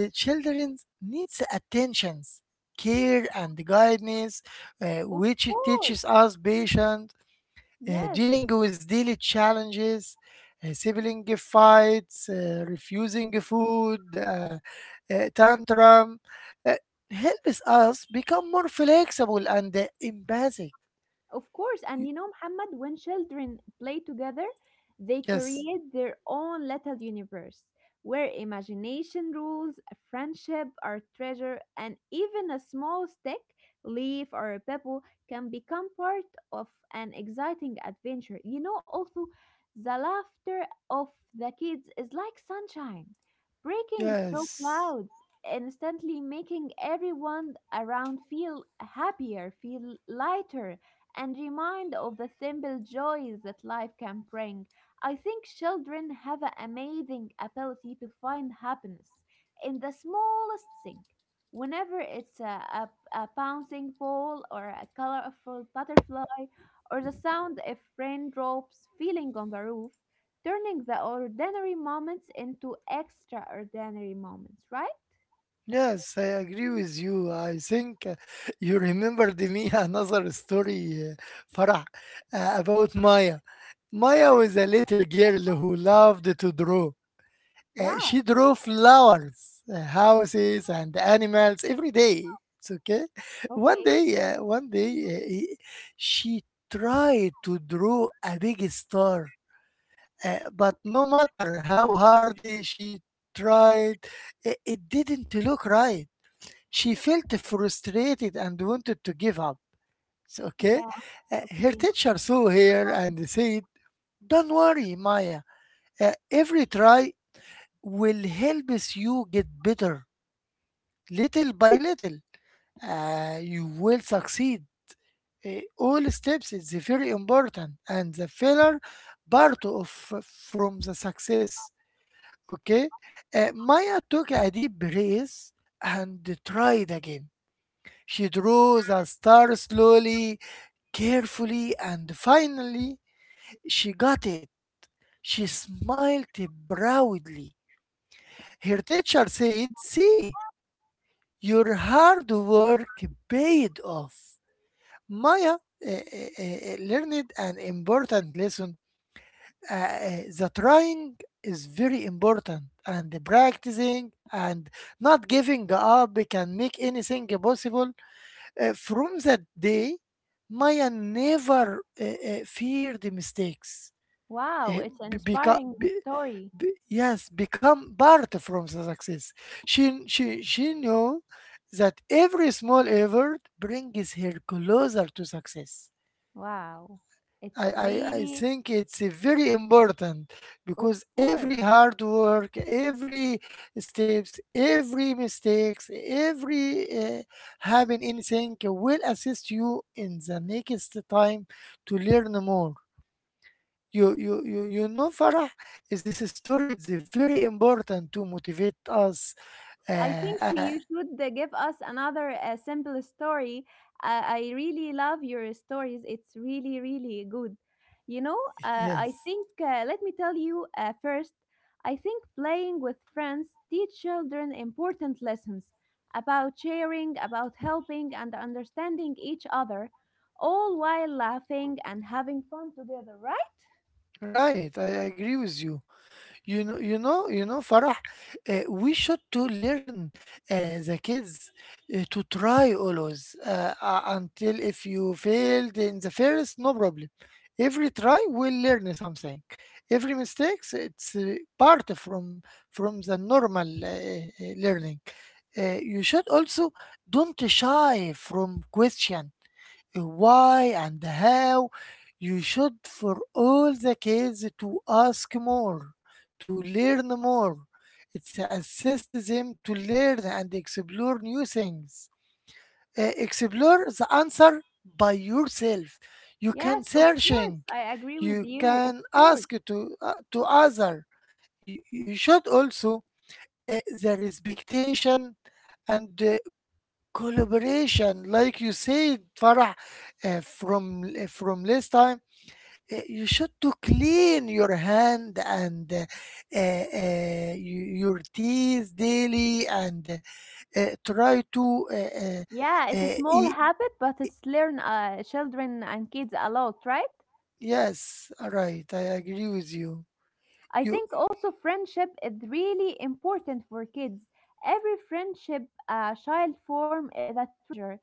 [SPEAKER 2] uh, children needs attentions, care and guidance
[SPEAKER 1] of
[SPEAKER 2] which
[SPEAKER 1] course.
[SPEAKER 2] teaches us patience,
[SPEAKER 1] Yes,
[SPEAKER 2] dealing with daily challenges, sibling fights, refusing food, tantrum, uh, helps us become more flexible and empathic.
[SPEAKER 1] of course, and you
[SPEAKER 2] Y-
[SPEAKER 1] know, Muhammad, when children play together, they
[SPEAKER 2] Yes,
[SPEAKER 1] create their own little universe where imagination rules, a friendship, or treasure, and even a small stick, leaf, or a pebble can become part of an exciting adventure. You know, also, the laughter of the kids is like sunshine, breaking through
[SPEAKER 2] yes,
[SPEAKER 1] clouds, instantly making everyone around feel happier, feel lighter and remind of the simple joys that life can bring. I think children have an amazing ability to find happiness in the smallest thing. Whenever it's a bouncing ball or a colorful butterfly or the sound of raindrops falling on the roof, turning the ordinary moments into extraordinary moments, right?
[SPEAKER 2] yes, I agree with you. I think you remembered me another story, Farah, about Maya. Maya was a little girl who loved to draw.
[SPEAKER 1] Wow.
[SPEAKER 2] She drew flowers, houses, and animals every day. It's okay. One
[SPEAKER 1] Okay.
[SPEAKER 2] day, uh, one day, uh, i- she tried to draw a big star. But no matter how hard she tried, it didn't look right. She felt frustrated and wanted to give up. So, okay?
[SPEAKER 1] Yeah.
[SPEAKER 2] Her
[SPEAKER 1] Okay.
[SPEAKER 2] teacher saw her and said, don't worry, Maya. Every try will help you get better. Little by little, you will succeed. All steps is very important, and the failure part of from the success. Okay?
[SPEAKER 1] Okay.
[SPEAKER 2] Maya took a deep breath and tried again. She drew the star slowly, carefully, and finally she got it. She smiled proudly. Her teacher said, See, your hard work paid off. Maya learned an important lesson, the trying is very important and the practicing and not giving up can make anything possible. From that day, Maya never feared mistakes.
[SPEAKER 1] Wow.
[SPEAKER 2] Uh,
[SPEAKER 1] It's an
[SPEAKER 2] be, beca-
[SPEAKER 1] inspiring story.
[SPEAKER 2] be- Yes, become part from the success. She she knew that every small effort brings her closer to success.
[SPEAKER 1] Wow. It's
[SPEAKER 2] I
[SPEAKER 1] really,
[SPEAKER 2] think it's very important
[SPEAKER 1] of
[SPEAKER 2] because
[SPEAKER 1] course.
[SPEAKER 2] every hard work, every steps, every mistakes, every having anything will assist you in the next time to learn more. You know, Farah, is this story is very important to motivate us. Uh,
[SPEAKER 1] I think we
[SPEAKER 2] uh,
[SPEAKER 1] you should give us another simple story. I really love your stories. It's really, really good. You know,
[SPEAKER 2] yes,
[SPEAKER 1] I think, let me tell you first, I think playing with friends teach children important lessons about sharing, about helping, and understanding each other, all while laughing and having fun together, right?
[SPEAKER 2] right. I agree with you. You know, Farah, we should to learn the kids to try always until if you failed in the first, no problem. Every try will learn something. Every mistakes, it's part from the normal learning. You should also don't shy from question, why and how. You should for all the kids to ask more, to learn more. It assists them to learn and explore new things. Explore the answer by yourself. You can
[SPEAKER 1] Yes, of
[SPEAKER 2] searching,
[SPEAKER 1] course. I agree
[SPEAKER 2] you
[SPEAKER 1] with you.
[SPEAKER 2] can
[SPEAKER 1] Of course.
[SPEAKER 2] ask to uh, to other. You you should also the respectation and collaboration like you said, Farah, from last time. You should to clean your hand and uh, y- your teeth daily and try to
[SPEAKER 1] Yeah, it's a small
[SPEAKER 2] eat.
[SPEAKER 1] habit, but it's learn children and kids a lot, right?
[SPEAKER 2] Yes, right, I agree with you.
[SPEAKER 1] I
[SPEAKER 2] you
[SPEAKER 1] think also friendship is really important for kids. Every friendship a child form is a treasure,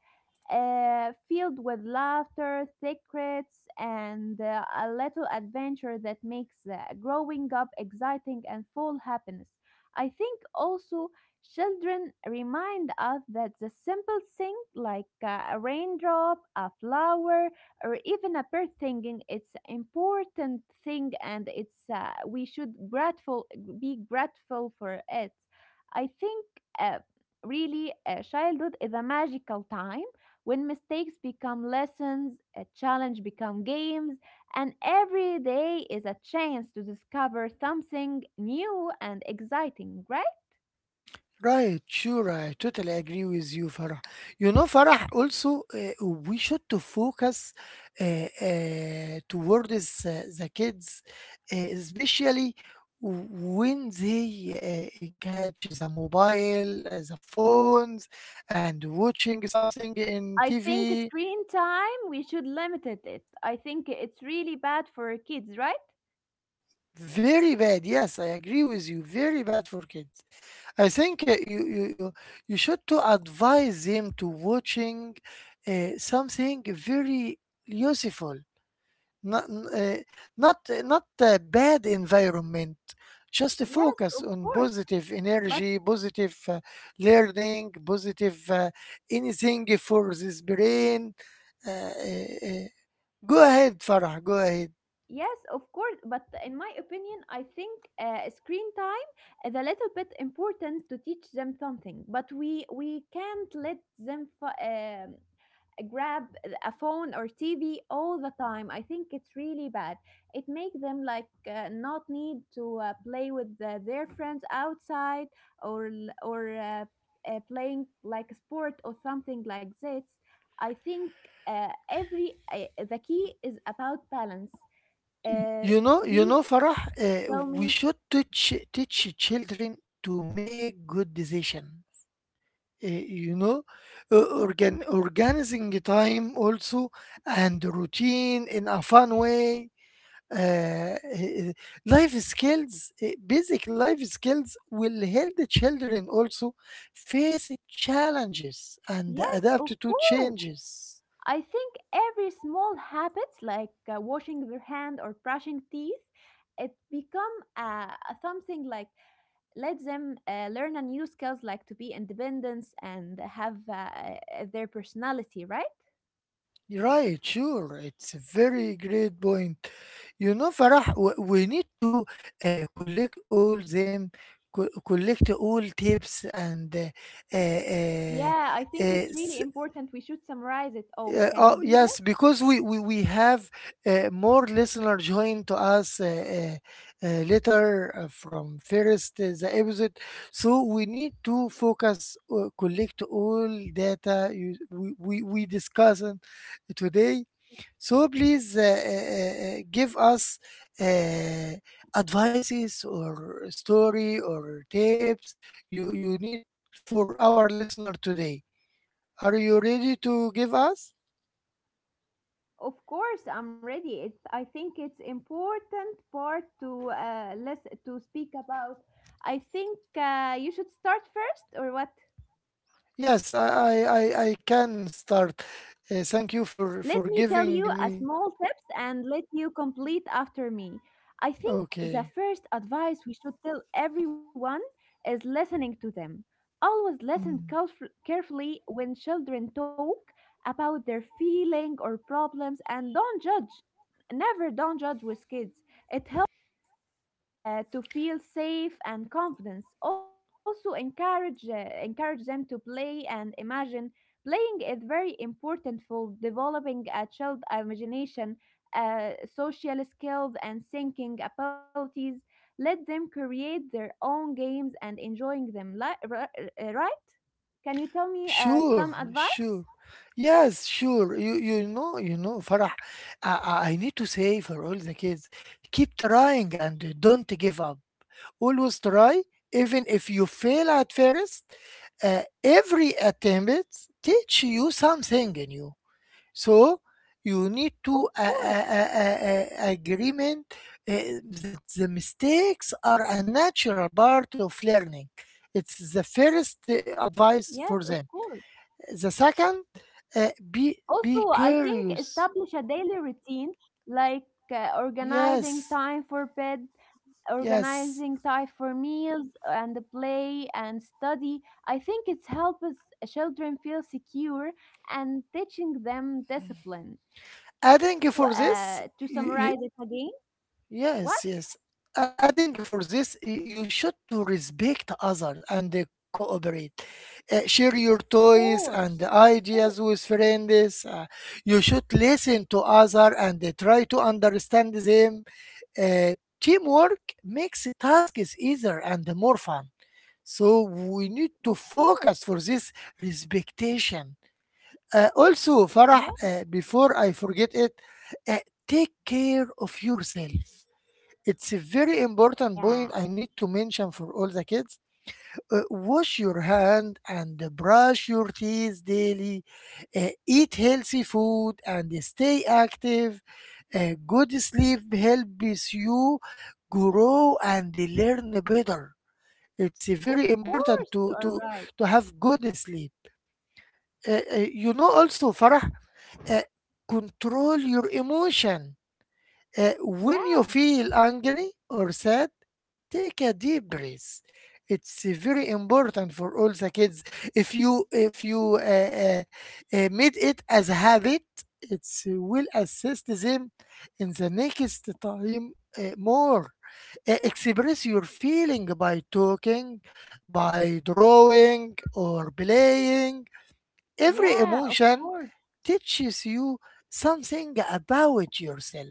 [SPEAKER 1] filled with laughter, secrets, and a little adventure that makes growing up exciting and full happiness. I think also children remind us that the simple thing like a raindrop, a flower, or even a bird thinking it's important thing and it's we should grateful be grateful for it. I think uh, really childhood is a magical time when mistakes become lessons a challenge become games and every day is a chance to discover something new and exciting, right?
[SPEAKER 2] Right, sure. I totally agree with you, Farah. You know, Farah, also, we should to focus uh, towards the kids, especially when they catch the mobile, the phones, and watching something in
[SPEAKER 1] I think
[SPEAKER 2] TV.
[SPEAKER 1] screen time we should limit it. I think it's really bad for kids, right?
[SPEAKER 2] Very bad. Yes, I agree with you. Very bad for kids. I think you should to advise him to watching something very useful, not uh, not not a bad environment. Just to
[SPEAKER 1] Yes, of
[SPEAKER 2] focus on
[SPEAKER 1] course.
[SPEAKER 2] positive
[SPEAKER 1] But
[SPEAKER 2] energy, positive learning, positive anything for this brain. Uh, uh, uh, Go ahead, Farah. Go ahead.
[SPEAKER 1] yes, of course. But in my opinion, I think screen time is a little bit important to teach them something. But we can't let them grab a phone or TV all the time. I think it's really bad. It makes them like not need to play with their friends outside or playing like a sport or something like this. I think every the key is about balance. Uh,
[SPEAKER 2] You know, you
[SPEAKER 1] we
[SPEAKER 2] know, Farah.
[SPEAKER 1] tell
[SPEAKER 2] We
[SPEAKER 1] me,
[SPEAKER 2] should teach teach children to make good decision, you know, organizing time also, and routine in a fun way. uh, uh, Life skills, basic life skills will help the children also face challenges and
[SPEAKER 1] yes, of
[SPEAKER 2] adapt to
[SPEAKER 1] course.
[SPEAKER 2] changes.
[SPEAKER 1] I think every small habit, like washing their hand or brushing teeth, it become a something like let them learn a new skills, like to be independence and have their personality, right?
[SPEAKER 2] Right, sure. It's a very great point. You know, Farah, we need to collect all them, collect all tips and uh, uh,
[SPEAKER 1] Yeah, I think
[SPEAKER 2] uh,
[SPEAKER 1] it's
[SPEAKER 2] s-
[SPEAKER 1] really important. We should summarize it. Oh, can
[SPEAKER 2] oh,
[SPEAKER 1] you do
[SPEAKER 2] yes, because we have more listener join to us later from first the episode. So we need to focus, collect all data we discussed today. So please give us uh, advices or story or tips you you need for our listener today. Are you ready to give us?
[SPEAKER 1] of course, I'm ready. It, I think it's important part to less to speak about. I think you should start first, or what?
[SPEAKER 2] Yes, I can start. Thank you for
[SPEAKER 1] Let me
[SPEAKER 2] giving
[SPEAKER 1] tell you a
[SPEAKER 2] me.
[SPEAKER 1] small tips and let you complete after me. I think the
[SPEAKER 2] Okay.
[SPEAKER 1] first advice we should tell everyone is listening to them. Always listen
[SPEAKER 2] Mm.
[SPEAKER 1] carefully when children talk about their feeling or problems, and don't judge. Never don't judge with kids. It to feel safe and confidence. Also, encourage them to play and imagine. Playing is very important for developing a child imagination, social skills, and thinking abilities. Let them create their own games and enjoying them. Right? Can you tell me
[SPEAKER 2] Sure,
[SPEAKER 1] some
[SPEAKER 2] sure.
[SPEAKER 1] advice?
[SPEAKER 2] Yes, sure. You know, Farah. I need to say for all the kids, keep trying and don't give up. Always try, even if you fail at first. Every attempt teach you something new. So you need to
[SPEAKER 1] Of course.
[SPEAKER 2] agreement uh, that the mistakes are a natural part of learning. It's the first advice
[SPEAKER 1] Yes,
[SPEAKER 2] for
[SPEAKER 1] of
[SPEAKER 2] them.
[SPEAKER 1] course.
[SPEAKER 2] The second, be
[SPEAKER 1] Also, I think
[SPEAKER 2] curious.
[SPEAKER 1] establish a daily routine like organizing
[SPEAKER 2] Yes,
[SPEAKER 1] time for bed,
[SPEAKER 2] yes.
[SPEAKER 1] organizing time for meals and play and study. I think it's helps children feel secure and teaching them discipline.
[SPEAKER 2] Adding
[SPEAKER 1] Also,
[SPEAKER 2] for this,
[SPEAKER 1] to
[SPEAKER 2] you, you,
[SPEAKER 1] summarize it again, what?
[SPEAKER 2] Yes, yes. I think for this, you should to respect others and cooperate. Share
[SPEAKER 1] Of
[SPEAKER 2] your toys
[SPEAKER 1] course,
[SPEAKER 2] and
[SPEAKER 1] of course,
[SPEAKER 2] ideas with friends. You should listen to others and try to understand them. Uh, Teamwork makes tasks easier and more fun. So we need to
[SPEAKER 1] of course.
[SPEAKER 2] focus for this respectation. Also, Farah,
[SPEAKER 1] Yeah,
[SPEAKER 2] before I forget it, uh, take care of yourself. It's a very important
[SPEAKER 1] yeah,
[SPEAKER 2] point I need to mention for all the kids. Wash your hand and brush your teeth daily. Eat healthy food and stay active. Good sleep helps you grow and learn better. It's
[SPEAKER 1] of
[SPEAKER 2] very
[SPEAKER 1] course,
[SPEAKER 2] important
[SPEAKER 1] you are right.
[SPEAKER 2] to have good sleep. You know also, Farah, uh, control your emotion when you
[SPEAKER 1] Yeah,
[SPEAKER 2] feel angry or sad, take a deep breath. It's very important for all the kids. If you made it as a habit, it will assist them in the next time more. Express your feeling by talking, by drawing or playing. Every
[SPEAKER 1] yeah, of
[SPEAKER 2] emotion
[SPEAKER 1] course.
[SPEAKER 2] teaches you something about yourself.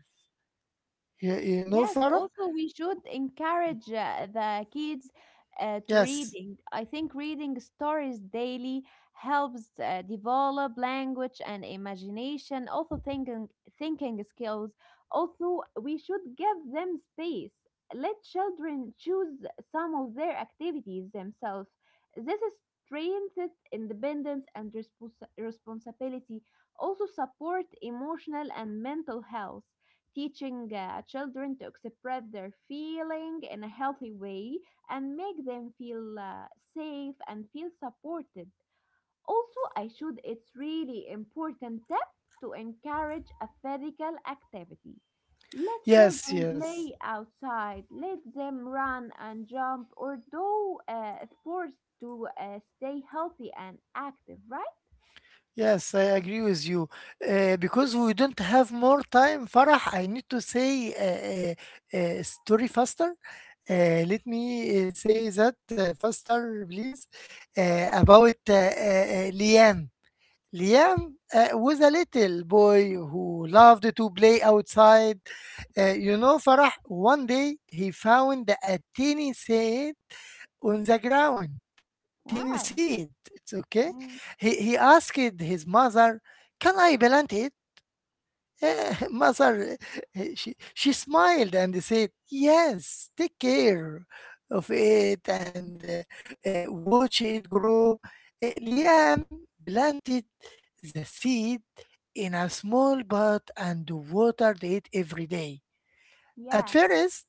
[SPEAKER 2] Yeah, yeah. No,
[SPEAKER 1] Yes,
[SPEAKER 2] Farah?
[SPEAKER 1] also we should encourage the kids to
[SPEAKER 2] Yes.
[SPEAKER 1] reading. I think reading stories daily helps develop language and imagination, also thinking skills. Also, we should give them space. Let children choose some of their activities themselves. This is strengthens independence and responsibility. Also support emotional and mental health teaching children to express their feeling in a healthy way and make them feel safe and feel supported. Also, I should it's really important tip to encourage a physical activity. Let
[SPEAKER 2] Yes,
[SPEAKER 1] children
[SPEAKER 2] yes.
[SPEAKER 1] play outside. Let them run and jump or do sports to stay healthy and active, right?
[SPEAKER 2] Yes, I agree with you. Because we don't have more time, Farah, I need to say story faster. Let me say that faster, please. About Liam. Liam was a little boy who loved to play outside. You know, Farah, one day he found a tiny seed on the ground. Teeny
[SPEAKER 1] Wow.
[SPEAKER 2] seed. It's okay.
[SPEAKER 1] Mm,
[SPEAKER 2] He asked his mother, "Can I plant it?" Mother, she smiled and said, "Yes, take care of it and watch it grow." Liam planted the seed in a small pot and watered it every day. At
[SPEAKER 1] yeah.
[SPEAKER 2] first,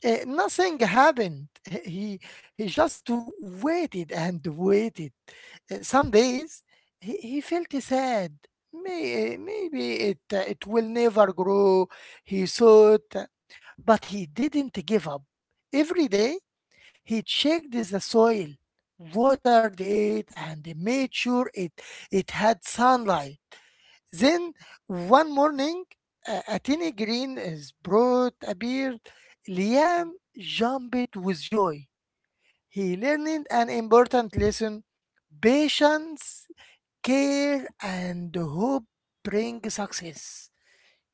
[SPEAKER 2] nothing happened. He he just waited and waited. Some days he felt sad. Maybe it will never grow, he thought. But he didn't give up. Every day he checked the soil, watered it, and made sure it had sunlight. Then one morning, a tiny green sprout appeared. Liam jumped with joy. He learned an important lesson: patience, care and hope bring success.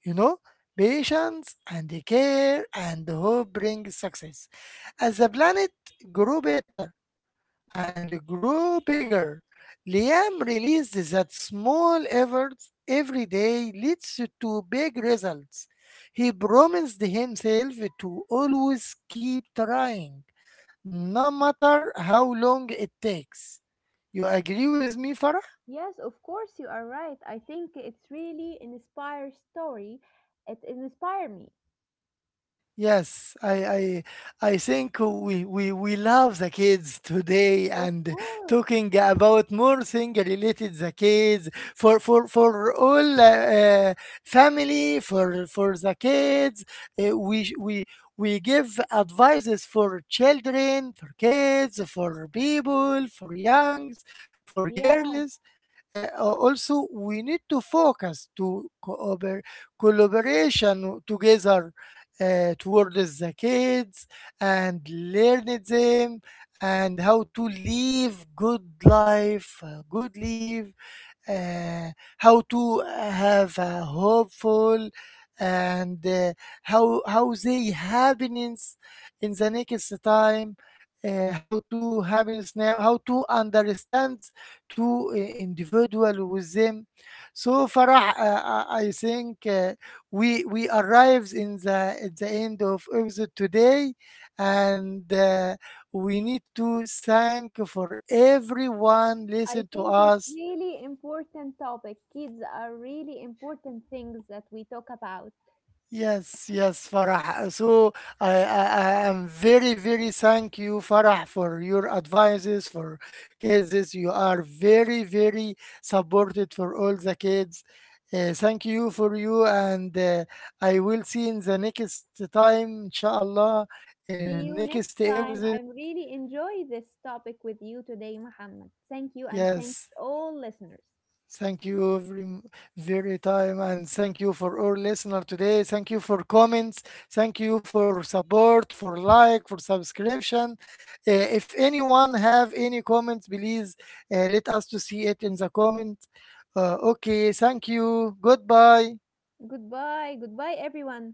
[SPEAKER 2] You know, patience and care and hope bring success. As the planet grew better and grew bigger, Liam realized that small efforts every day leads to big results. He promised himself to always keep trying, no matter how long it takes. You agree with me, Farah?
[SPEAKER 1] Yes, of course, you are right. I think it's really an inspire story. It inspired me.
[SPEAKER 2] Yes, I think we love the kids today
[SPEAKER 1] Of
[SPEAKER 2] and
[SPEAKER 1] course.
[SPEAKER 2] talking about more thing related the kids for all family for the kids, uh, we sh- we we give advices for children, for kids, for people, for youngs, for
[SPEAKER 1] Yeah,
[SPEAKER 2] girls, also we need to focus to cooper collaboration together towards the kids and learn them and how to live good life, good life, uh, how to have a hopeful and how they happiness in the next time, how to happiness now, how to understand to individual with them. So Farah, I think we arrived in the at the end of episode today, and we need to thank for everyone listen
[SPEAKER 1] I
[SPEAKER 2] to
[SPEAKER 1] think it's
[SPEAKER 2] us.
[SPEAKER 1] really important topic. Kids are really important things that we talk about.
[SPEAKER 2] Yes, yes, Farah. So I am very, very thank you, Farah, for your advices for kids. You are very, very supported for all the kids. Thank you for you, and I will see in the next time, inshallah, uh,
[SPEAKER 1] See you next
[SPEAKER 2] next
[SPEAKER 1] time. I
[SPEAKER 2] episode.
[SPEAKER 1] really enjoy this topic with you today, Muhammad. Thank you and thanks
[SPEAKER 2] Yes.
[SPEAKER 1] all listeners.
[SPEAKER 2] Thank you very, very time and thank you for our listener today. Thank you for comments. Thank you for support, for like, for subscription. If anyone have any comments, please let us to see it in the comment. Okay, thank you. Goodbye.
[SPEAKER 1] Goodbye. Goodbye, everyone.